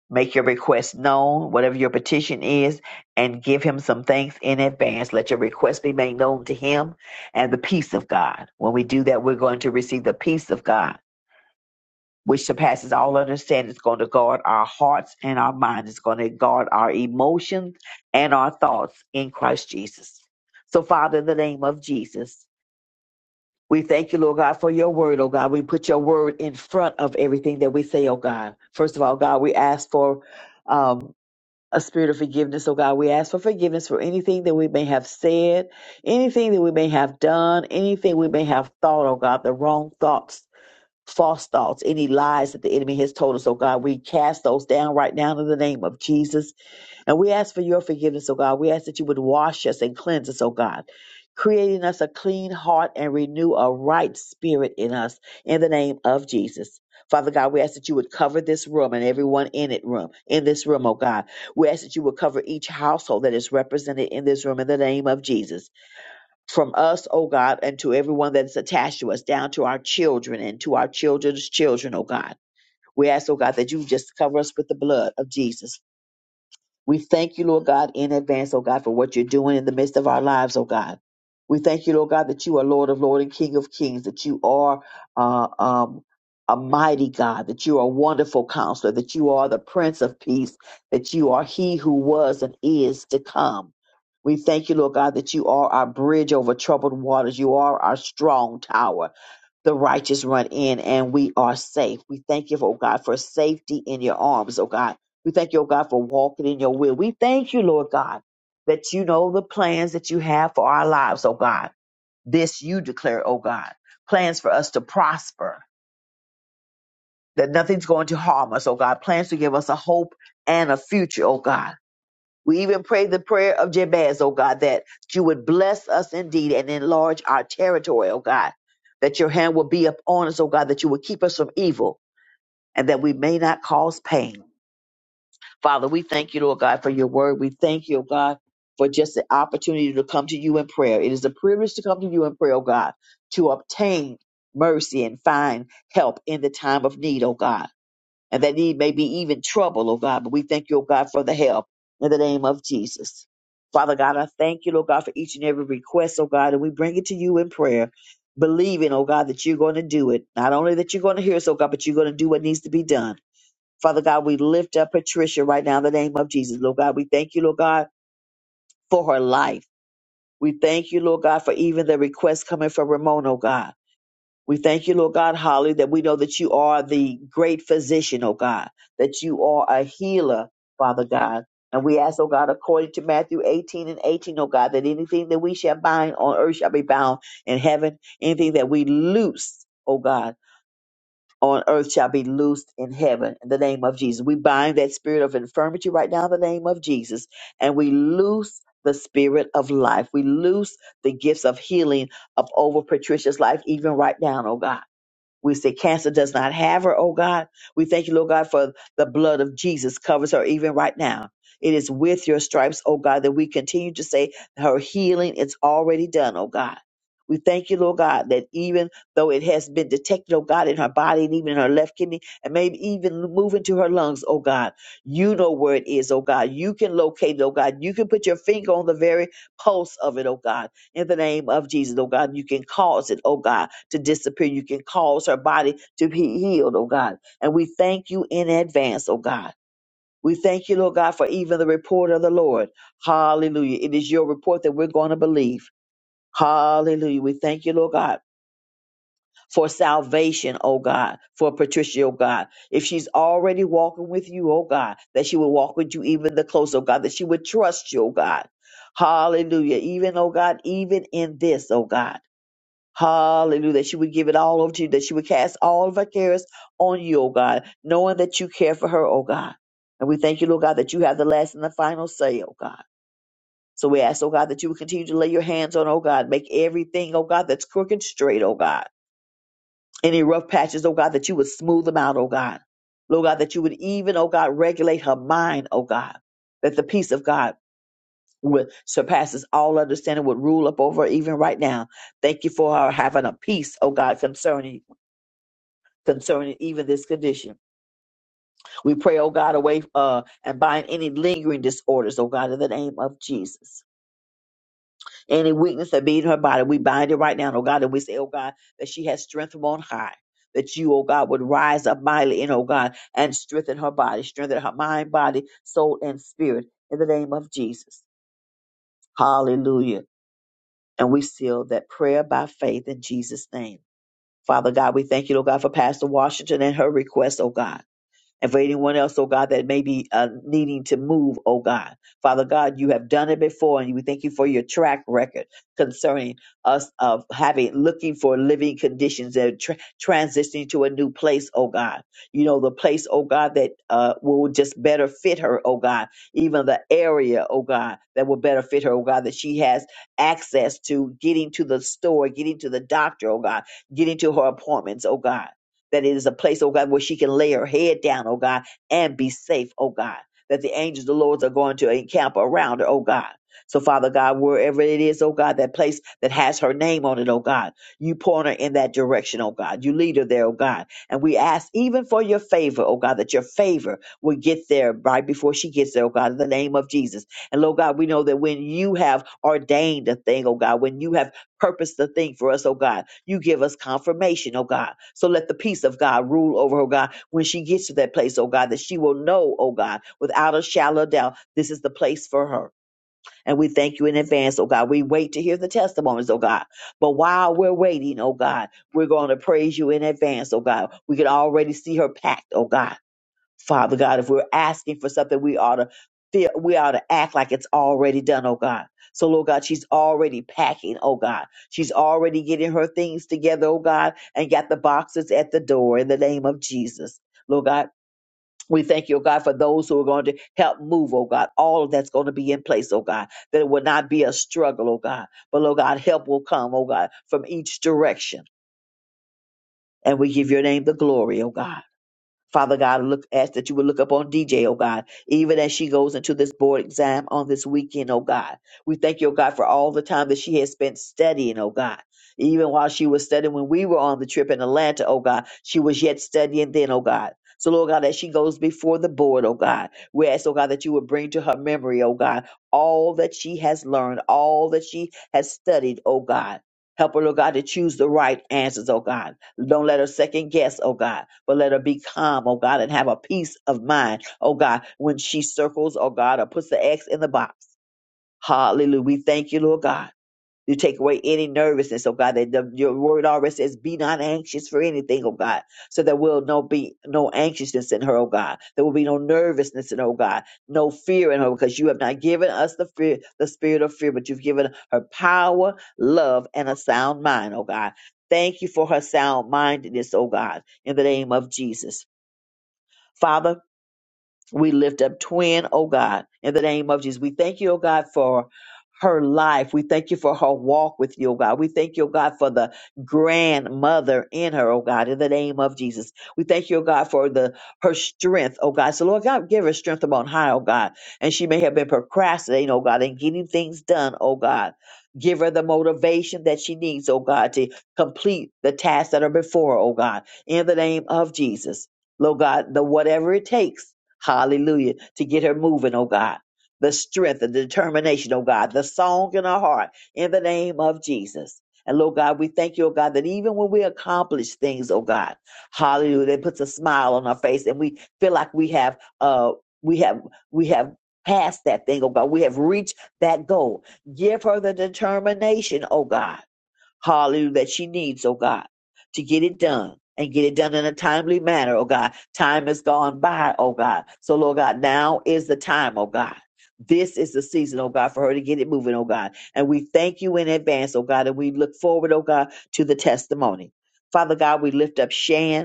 S4: Make your request known, whatever your petition is, and give him some thanks in advance. Let your request be made known to him and the peace of God. When we do that, we're going to receive the peace of God, which surpasses all understanding. It's going to guard our hearts and our minds. It's going to guard our emotions and our thoughts in Christ Jesus. So, Father, in the name of Jesus, we thank you, Lord God, for your word, oh God. We put your word in front of everything that we say, oh God. First of all, God, we ask for. um, a spirit of forgiveness, oh God. We ask for forgiveness for anything that we may have said, anything that we may have done, anything we may have thought, oh God, the wrong thoughts, false thoughts, any lies that the enemy has told us, oh God. We cast those down right now in the name of Jesus. And we ask for your forgiveness, O God. We ask that you would wash us and cleanse us, O God, creating us a clean heart and renew a right spirit in us in the name of Jesus. Father God, we ask that you would cover this room and everyone in it room, in this room, O God. We ask that you would cover each household that is represented in this room in the name of Jesus. From us, O God, and to everyone that is attached to us, down to our children and to our children's children, O God. We ask, oh God, that you just cover us with the blood of Jesus. We thank you, Lord God, in advance, oh God, for what you're doing in the midst of our lives, oh God. We thank you, Lord God, that you are Lord of Lord and King of Kings, that you are uh, um, a mighty God, that you are a wonderful counselor, that you are the Prince of Peace, that you are He who was and is to come. We thank you, Lord God, that you are our bridge over troubled waters. You are our strong tower the righteous run in and we are safe. We thank you, oh God, for safety in your arms, oh God. We thank you, oh God, for walking in your will. We thank you, Lord God, that you know the plans that you have for our lives, oh God. This you declare, oh God. Plans for us to prosper, that nothing's going to harm us, oh God. Plans to give us a hope and a future, oh God. We even pray the prayer of Jabez, oh God, that you would bless us indeed and enlarge our territory, oh God, that your hand will be upon us, oh God, that you will keep us from evil and that we may not cause pain. Father, we thank you, Lord God, for your word. We thank you, oh God, for just the opportunity to come to you in prayer. It is a privilege to come to you in prayer, oh God, to obtain mercy and find help in the time of need, oh God and that need may be even trouble, oh God. But we thank you, oh God, for the help in the name of Jesus. Father God, I thank you, Lord God, for each and every request, oh God, and we bring it to you in prayer, believing, oh God, that you're going to do it. Not only that you're going to hear us, oh God, but you're going to do what needs to be done. Father God, we lift up Patricia right now in the name of Jesus, Lord God. We thank you, Lord God, for her life. We thank you, Lord God, for even the request coming from Ramon, oh God. We thank you, Lord God, Holly, that we know that you are the great physician, oh God, that you are a healer, Father God. And we ask, oh God, according to Matthew 18 and 18, O God, that anything that we shall bind on earth shall be bound in heaven. Anything that we loose, oh God, on earth shall be loosed in heaven. In the name of Jesus. We bind that spirit of infirmity right now in the name of Jesus. And we loose the spirit of life. We loose the gifts of healing up over Patricia's life, even right now, oh God. We say cancer does not have her, oh God. We thank you, Lord God, for the blood of Jesus covers her even right now. It is with your stripes, oh God, that we continue to say her healing is already done, oh God. We thank you, Lord God, that even though it has been detected, oh God, in her body and even in her left kidney and maybe even moving to her lungs, oh God, you know where it is, oh God. You can locate it, oh God. You can put your finger on the very pulse of it, oh God, in the name of Jesus, oh God. You can cause it, oh God to disappear. You can cause her body to be healed, oh God. And we thank you in advance, oh God. We thank you, Lord God, for even the report of the Lord. Hallelujah. It is your report that we're going to believe. Hallelujah. We thank you, Lord God, for salvation, oh God, for Patricia, oh God. If she's already walking with you, oh God, that she will walk with you even the closer, oh God, that she would trust you, oh God. Hallelujah. Even, oh God, even in this, oh God. Hallelujah. That she would give it all over to you, that she would cast all of her cares on you, oh God, knowing that you care for her, oh God. And we thank you, Lord God, that you have the last and the final say, oh God. So we ask, oh God, that you would continue to lay your hands on, oh God, make everything, oh God, that's crooked straight, oh God. Any rough patches, oh God, that you would smooth them out, oh God. Lord God, that you would even, oh God, regulate her mind, oh God, that the peace of God would surpasses all understanding would rule up over her even right now. Thank you for her having a peace, oh God, concerning concerning even this condition. We pray, oh God, away uh, and bind any lingering disorders, oh God, in the name of Jesus. Any weakness that be in her body, we bind it right now, oh God, and we say, oh God, that she has strength from on high. That you, oh God, would rise up mightily in, oh God, and strengthen her body, strengthen her mind, body, soul, and spirit in the name of Jesus. Hallelujah. And we seal that prayer by faith in Jesus' name. Father God, we thank you, oh God, for Pastor Washington and her request, oh God. and for anyone else, oh God, that may be uh, needing to move, oh God. Father God, you have done it before, and we thank you for your track record concerning us of having, looking for living conditions and tra- transitioning to a new place, oh God. You know, the place, oh God, that uh, will just better fit her, oh God. Even the area, oh God, that will better fit her, oh God, that she has access to getting to the store, getting to the doctor, oh God, getting to her appointments, oh God that it is a place, oh God, where she can lay her head down, oh God, and be safe, oh God, that the angels of the Lord are going to encamp around her, oh God. So, Father God, wherever it is, oh God, that place that has her name on it, oh God, you point her in that direction, oh God. You lead her there, oh God. And we ask even for your favor, oh God, that your favor will get there right before she gets there, oh God, in the name of Jesus. And Lord God, we know that when you have ordained a thing, oh God, when you have purpose the thing for us, oh God. You give us confirmation, oh God. So let the peace of God rule over her, oh God, when she gets to that place, oh God, that she will know, oh God, without a shallow doubt, this is the place for her. And we thank you in advance, oh God. We wait to hear the testimonies, oh God. But while we're waiting, oh God, we're going to praise you in advance, oh God. We can already see her packed, oh God. Father God, if we're asking for something, we ought to feel, we ought to act like it's already done, oh God. So, Lord God, she's already packing, oh God. She's already getting her things together, oh God, and got the boxes at the door in the name of Jesus. Lord God, we thank you, oh God, for those who are going to help move, oh God. All of that's going to be in place, oh God, that it will not be a struggle, oh God. But, Lord God, help will come, oh God, from each direction. And we give your name the glory, oh God. Father God, look ask that you would look up on DJ, oh God, even as she goes into this board exam on this weekend, oh God. We thank you, oh God, for all the time that she has spent studying, oh God. Even while she was studying when we were on the trip in Atlanta, oh God, she was yet studying then, oh God. So, Lord God, as she goes before the board, oh God, we ask, oh God, that you would bring to her memory, oh God, all that she has learned, all that she has studied, oh God. Help her, Lord God, to choose the right answers, oh God. Don't let her second guess, oh God, but let her be calm, oh God, and have a peace of mind, oh God, when she circles, oh God, or puts the X in the box. Hallelujah. We thank you, Lord God. You take away any nervousness, oh God, that the, your word already says, be not anxious for anything, oh God. So there will no be no anxiousness in her, oh God. There will be no nervousness in her, oh God. No fear in her, because you have not given us the fear, the spirit of fear, but you've given her power, love, and a sound mind, oh God. Thank you for her sound mindedness, oh God, in the name of Jesus. Father, we lift up twin, oh God, in the name of Jesus. We thank you, oh God, for her life. We thank you for her walk with you, oh God. We thank you, oh God, for the grandmother in her, oh God, in the name of Jesus. We thank you, oh God, for the her strength, oh God. So Lord God, give her strength upon high, oh God. And she may have been procrastinating, oh God, and getting things done, oh God. Give her the motivation that she needs, oh God, to complete the tasks that are before, her, oh God, in the name of Jesus. Lord God, the whatever it takes Hallelujah. To get her moving, oh God. The strength and the determination, oh God. The song in our heart in the name of Jesus. And Lord God, we thank you, oh God, that even when we accomplish things, oh God, hallelujah, that puts a smile on our face and we feel like we have uh we have we have passed that thing, oh God. We have reached that goal. Give her the determination, oh God hallelujah, that she needs, oh God, to get it done and get it done in a timely manner, oh God. Time has gone by, oh God. So, Lord God, now is the time, oh God. This is the season, oh God, for her to get it moving, oh God. And we thank you in advance, oh God, and we look forward, oh God, to the testimony. Father God, we lift up Shan.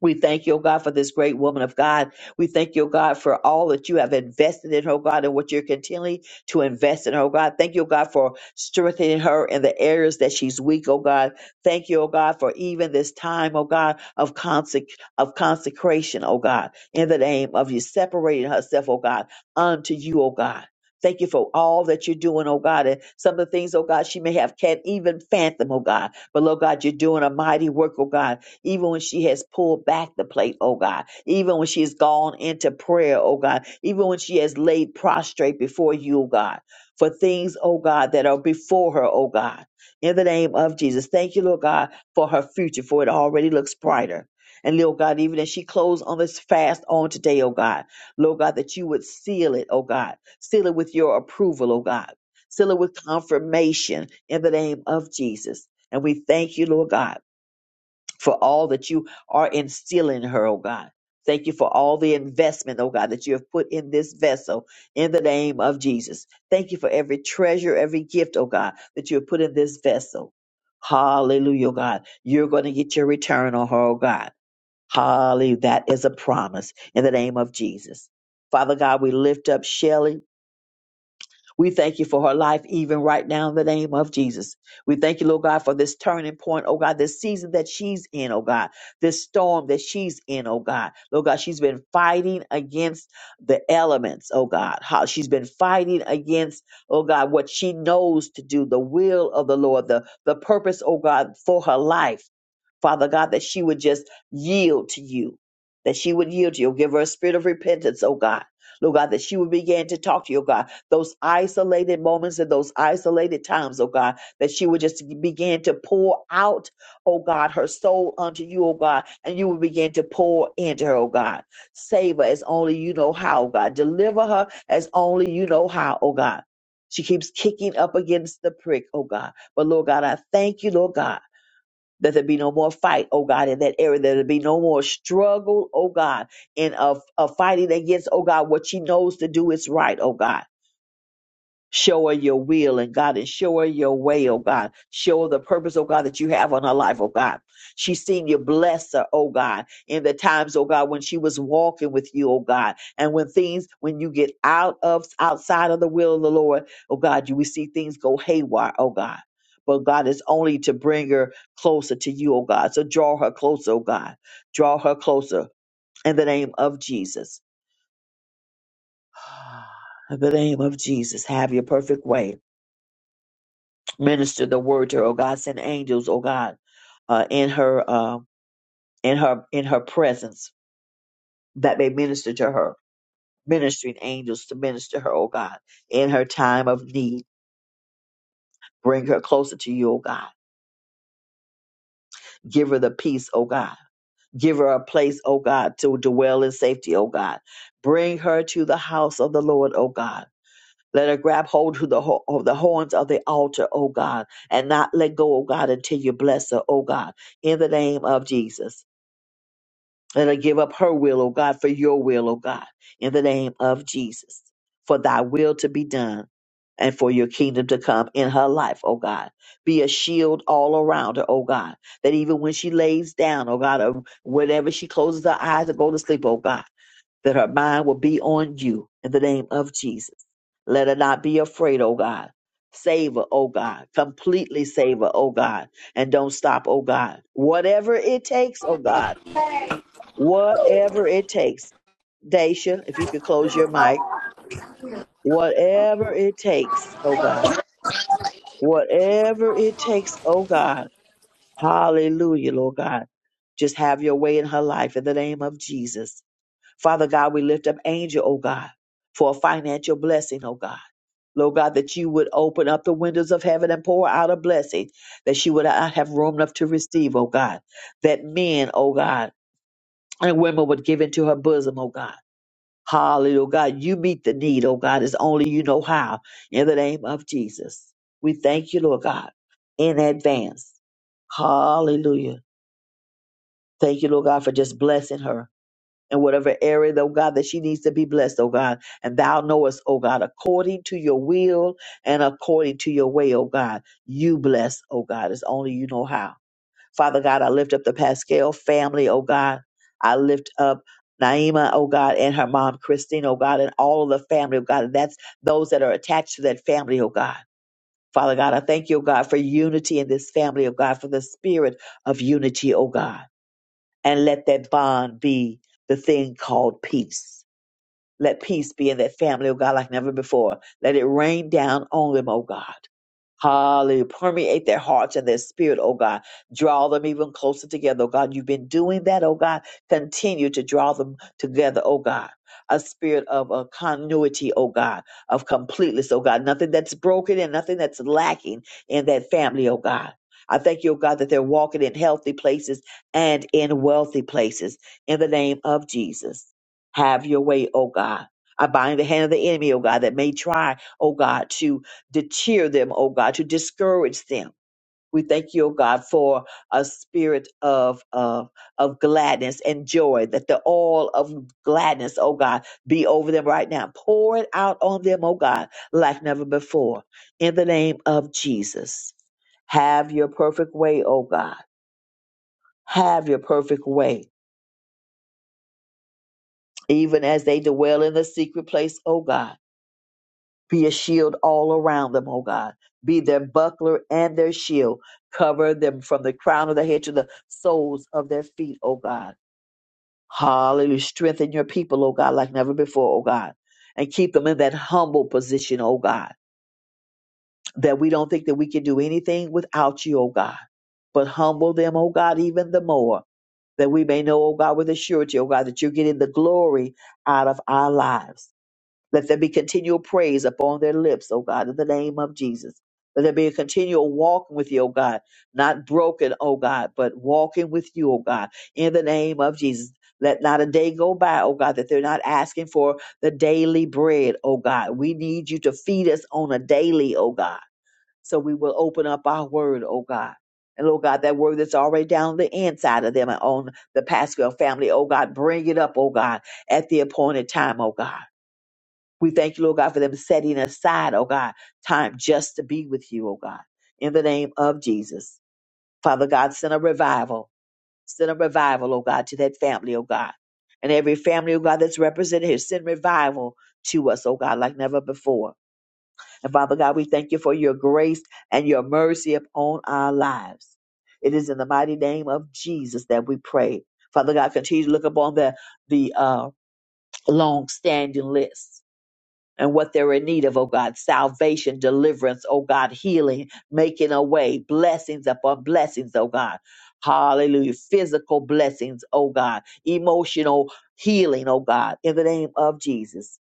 S4: We thank you, oh God, for this great woman of God. We thank you, oh God, for all that you have invested in her, oh God, and what you're continuing to invest in her, oh God. Thank you, oh God, for strengthening her in the areas that she's weak, oh God. Thank you, oh God, for even this time, oh God, of consec- of consecration, oh God, in the name of you, separating herself, oh God, unto you, oh God. Thank you for all that you're doing, oh God, and some of the things, oh God, she may have can't even fathom, oh God. But, Lord God, you're doing a mighty work, oh God even when she has pulled back the plate, oh God, even when she has gone into prayer, oh God, even when she has laid prostrate before you, oh God, for things, oh God, that are before her, oh God. In the name of Jesus, thank you, Lord God, for her future, for it already looks brighter. And Lord God, even as she closed on this fast on today, oh God, Lord God, that you would seal it, oh God, seal it with your approval, oh God, seal it with confirmation in the name of Jesus. And we thank you, Lord God for all that you are instilling in her, oh God. Thank you for all the investment, oh God, that you have put in this vessel in the name of Jesus. Thank you for every treasure, every gift, oh God, that you have put in this vessel. Hallelujah, oh God. You're going to get your return on her, oh God. Hallelujah. That is a promise in the name of Jesus. Father God, we lift up Shelley. We thank you for her life, even right now, in the name of Jesus. We thank you, Lord God, for this turning point, oh God, this season that she's in, oh God, this storm that she's in, oh God. Lord God, she's been fighting against the elements, oh God. How she's been fighting against, oh God, what she knows to do, the will of the Lord, the, the purpose, oh God, for her life. Father God, that she would just yield to you, that she would yield to you. Give her a spirit of repentance, oh God. Lord God, that she would begin to talk to you, oh God. Those isolated moments and those isolated times, oh God, that she would just begin to pour out, oh God, her soul unto you, oh God, and you would begin to pour into her, oh God. Save her as only you know how, oh God. Deliver her as only you know how, oh God. She keeps kicking up against the prick, oh God. But Lord God, I thank you, Lord God. Let there be no more fight, oh God, in that area. Let there be no more struggle, oh God, in a of fighting against, oh God, what she knows to do is right, oh God. Show her your will and God and show her your way, oh God. Show her the purpose, oh God, that you have on her life, oh God. She's seen you bless her, oh God, in the times, oh God, when she was walking with you, oh God. And when things, when you get out of outside of the will of the Lord, oh God, you we see things go haywire, oh God. But God is only to bring her closer to you, oh God. So draw her closer, oh God. Draw her closer in the name of Jesus. In the name of Jesus, have your perfect way minister the word to her, oh God, send angels, oh God, uh, in her uh, in her in her presence that may minister to her, ministering angels to minister her, oh God, in her time of need. Bring her closer to you, oh God. Give her the peace, oh God. Give her a place, oh God, to dwell in safety, oh God. Bring her to the house of the Lord, oh God. Let her grab hold to the ho- of the horns of the altar, oh God, and not let go, oh God, until you bless her, oh God, in the name of Jesus. Let her give up her will, O God, for your will, O God, in the name of Jesus, for thy will to be done and for your kingdom to come in her life, O God. Be a shield all around her, O God, that even when she lays down, O God, or whenever she closes her eyes and go to sleep, O God, that her mind will be on you in the name of Jesus. Let her not be afraid, O God. Save her, O God. Completely save her, O God. And don't stop, O God. Whatever it takes, O God whatever it takes. Daisha, if you could close your mic, whatever it takes, oh God, whatever it takes, oh God, hallelujah, Lord God. Just have your way in her life in the name of Jesus. Father God, we lift up Angel, oh God, for a financial blessing, oh God. Lord God, that you would open up the windows of heaven and pour out a blessing that she would not have room enough to receive, oh God. That men, oh God, and women would give into her bosom, oh God. Hallelujah. Oh God, you meet the need, oh God, as only you know how. In the name of Jesus. We thank you, Lord God, in advance. Hallelujah. Thank you, Lord God, for just blessing her in whatever area, though God, that she needs to be blessed, oh God. And thou knowest, oh God, according to your will and according to your way, oh God, you bless, oh God, as only you know how. Father God, I lift up the Pascal family, oh God. I lift up Naima, oh God, and her mom, Christine, oh God, and all of the family, oh God. And that's those that are attached to that family, oh God. Father God, I thank you, oh God, for unity in this family, oh God, for the spirit of unity, oh God. And let that bond be the thing called peace. Let peace be in that family, oh God, like never before. Let it rain down on them, oh God. Hallelujah. Permeate their hearts and their spirit, oh God. Draw them even closer together, oh God. You've been doing that, oh God. Continue to draw them together, oh God. A spirit of uh, continuity, oh God, of completeness, oh God. Nothing that's broken and nothing that's lacking in that family, oh God. I thank you, oh God, that they're walking in healthy places and in wealthy places. In the name of Jesus, have your way, oh God. I bind the hand of the enemy, oh God, that may try, oh God, to to cheer them, oh God, to discourage them. We thank you, oh God, for a spirit of, of, of gladness and joy, that the all of gladness, oh God, be over them right now. Pour it out on them, oh God, like never before. In the name of Jesus, have your perfect way, oh God. Have your perfect way, even as they dwell in the secret place, oh God be a shield all around them, oh God. Be their buckler and their shield. Cover them from the crown of their head to the soles of their feet, oh God. Hallelujah. Strengthen your people, oh God, like never before, oh God. And keep them in that humble position, oh God, that we don't think that we can do anything without you, oh God. But humble them, oh God, even the more, that we may know, oh God, with a surety, oh God, that you're getting the glory out of our lives. Let there be continual praise upon their lips, O God, in the name of Jesus. Let there be a continual walking with you, O God, not broken, O God, but walking with you, O God, in the name of Jesus. Let not a day go by, O God, that they're not asking for the daily bread, O God. We need you to feed us on a daily, O God. So we will open up our word, O God. And Lord God, that word that's already down the inside of them and on the Pascal family, O God, bring it up, O God, at the appointed time, O God. We thank you, Lord God, for them setting aside, oh God, time just to be with you, oh God, in the name of Jesus. Father God, send a revival. Send a revival, oh God, to that family, oh God. And every family, oh God, that's represented here, send revival to us, oh God, like never before. And Father God, we thank you for your grace and your mercy upon our lives. It is in the mighty name of Jesus that we pray. Father God, continue to look upon the the uh, long standing list and what they're in need of, oh God. Salvation, deliverance, oh God, healing, making a way, blessings upon blessings, oh God. Hallelujah. Physical blessings, oh God. Emotional healing, oh God. In the name of Jesus,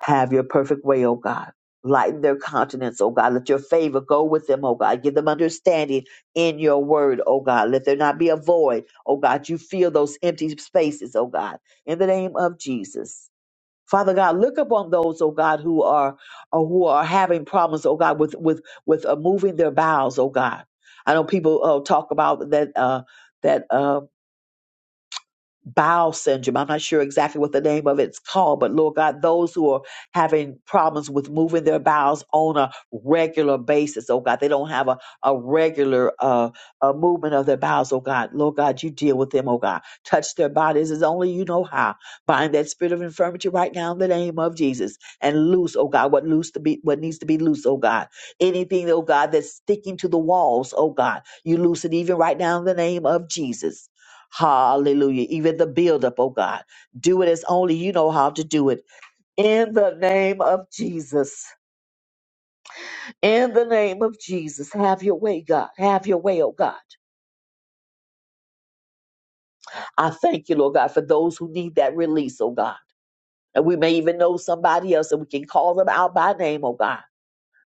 S4: have your perfect way, oh God. Lighten their countenance, oh God. Let your favor go with them, oh God. Give them understanding in your word, oh God. Let there not be a void, oh God. You fill those empty spaces, oh God. In the name of Jesus. Father God, look upon those, oh God, who are or who are having problems, oh God, with with with uh, moving their bowels, oh God. I know people uh, talk about that uh, that. Um, bowel syndrome. I'm not sure exactly what the name of it's called, but Lord God, those who are having problems with moving their bowels on a regular basis, oh God, they don't have a, a regular uh, a movement of their bowels, oh God. Lord God, you deal with them, oh God. Touch their bodies as only you know how. Bind that spirit of infirmity right now in the name of Jesus and loose, oh God, what loose to be what needs to be loose, oh God. Anything, oh God, that's sticking to the walls, oh God, you loose it even right now in the name of Jesus. Hallelujah. Even the buildup, oh God. Do it as only you know how to do it. In the name of Jesus. In the name of Jesus. Have your way, God. Have your way, oh God. I thank you, Lord God, for those who need that release, oh God. And we may even know somebody else and we can call them out by name, oh God.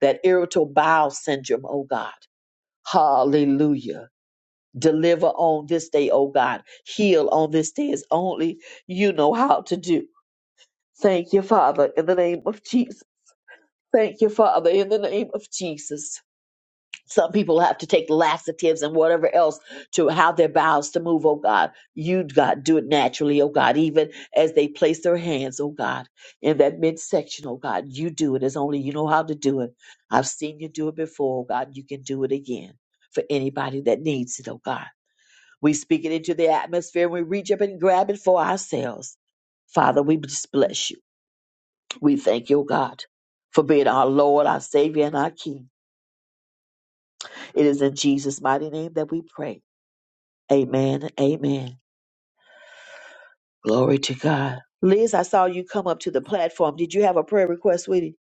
S4: That irritable bowel syndrome, oh God. Hallelujah. Deliver on this day, oh God. Heal on this day as only you know how to do. Thank you, Father, in the name of Jesus. Thank you, Father, in the name of Jesus. Some people have to take laxatives and whatever else to how their bowels to move, oh God. You, God, do it naturally, oh God, even as they place their hands, oh God, in that midsection, oh God. You do it as only you know how to do it. I've seen you do it before, oh God. You can do it again for anybody that needs it, oh God. We speak it into the atmosphere and we reach up and grab it for ourselves. Father, we just bless you. We thank you, oh God, for being our Lord, our Savior, and our King. It is in Jesus' mighty name that we pray. Amen. Amen. Glory to God. Liz, I saw you come up to the platform. Did you have a prayer request, sweetie?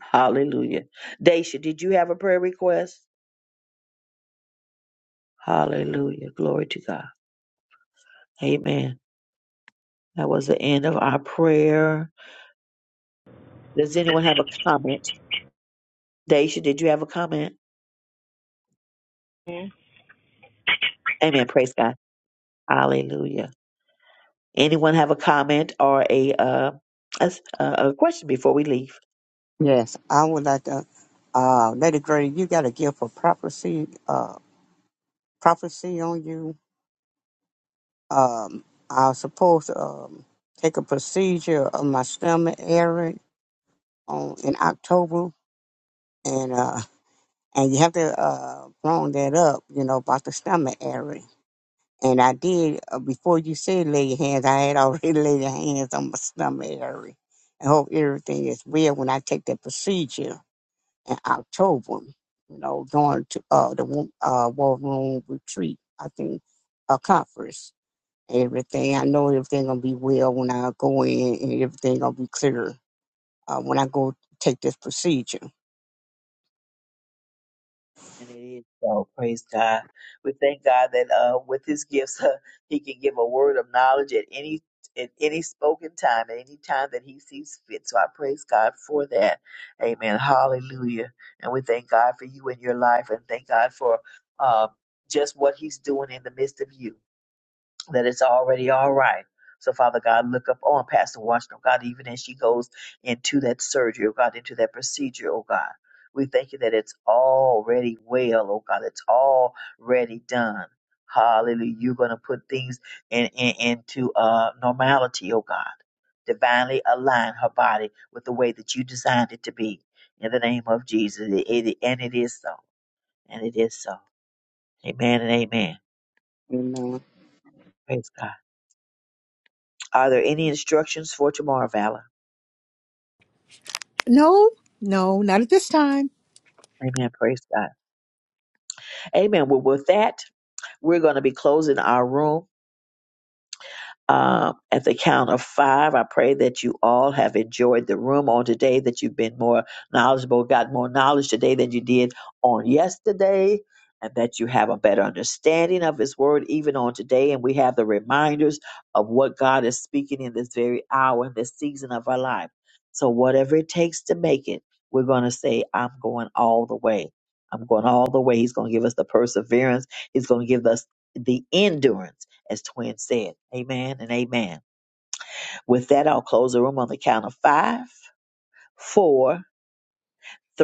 S4: Hallelujah. Daisha, did you have a prayer request? Hallelujah. Glory to God. Amen. That was the end of our prayer. Does anyone have a comment? Daisha, did you have a comment? Amen. Praise God. Hallelujah. Anyone have a comment or a uh, a, a a question before we leave?
S11: Yes. I would like to, uh, Lady Grady, you got a gift of prophecy, uh, prophecy on you Um, I was supposed to um, take a procedure of my stomach area on in October, and uh, and you have to uh, wrong that up, you know, about the stomach area. And I did uh, before you said lay your hands. I had already laid your hands on my stomach area, and hope everything is well when I take that procedure in October. You know, going to uh, the wo- uh, war room retreat. I think a conference. and everything. I know everything gonna be well when I go in, and everything gonna be clear uh, when I go take this procedure.
S4: And it is so. Praise God. We thank God that uh, with His gifts, He can give a word of knowledge at any at any spoken time, at any time that He sees fit. So I praise God for that. Amen. Hallelujah. And we thank God for you and your life, and thank God for um, just what He's doing in the midst of you that it's already all right. So, Father God, look up on Pastor Washington, God, even as she goes into that surgery, oh God, into that procedure, oh God. We thank you that it's already well, oh God, it's already done. Hallelujah. You're going to put things in, in into uh, normality, oh God. Divinely align her body with the way that you designed it to be. In the name of Jesus. It- it- and it is so. And it is so. Amen and amen.
S11: Amen.
S4: Praise God. Are there any instructions for tomorrow, Valor?
S1: No, no, not at this time.
S4: Amen. Praise God. Amen. Well, with that, we're going to be closing our room. Uh, at the count of five, I pray that you all have enjoyed the room on today, that you've been more knowledgeable, got more knowledge today than you did on yesterday, and that you have a better understanding of His Word even on today. And we have the reminders of what God is speaking in this very hour, in this season of our life. So, whatever it takes to make it, we're going to say, I'm going all the way. I'm going all the way. He's going to give us the perseverance, He's going to give us the endurance as Twin said. Amen and amen. With that, I'll close the room on the count of five, four,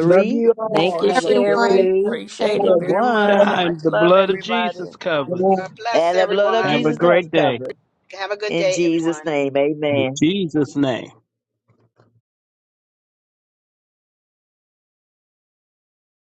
S3: Love you
S16: Thank
S3: all.
S16: you,
S3: Have a
S1: Everyone.
S16: Sherry.
S4: two,
S16: Appreciate it
S3: blessed
S16: very much.
S4: one.
S12: Sometimes
S16: Much
S12: the
S16: love,
S12: blood of
S16: everybody.
S12: Jesus covers.
S3: day.
S7: God bless
S4: And the blood of
S12: Have
S7: everyone.
S12: a
S4: Jesus does
S12: great day.
S4: cover it.
S7: Have a good
S4: In
S7: day,
S4: Jesus'
S7: everyone.
S4: name,
S12: In
S4: amen.
S12: Jesus' name.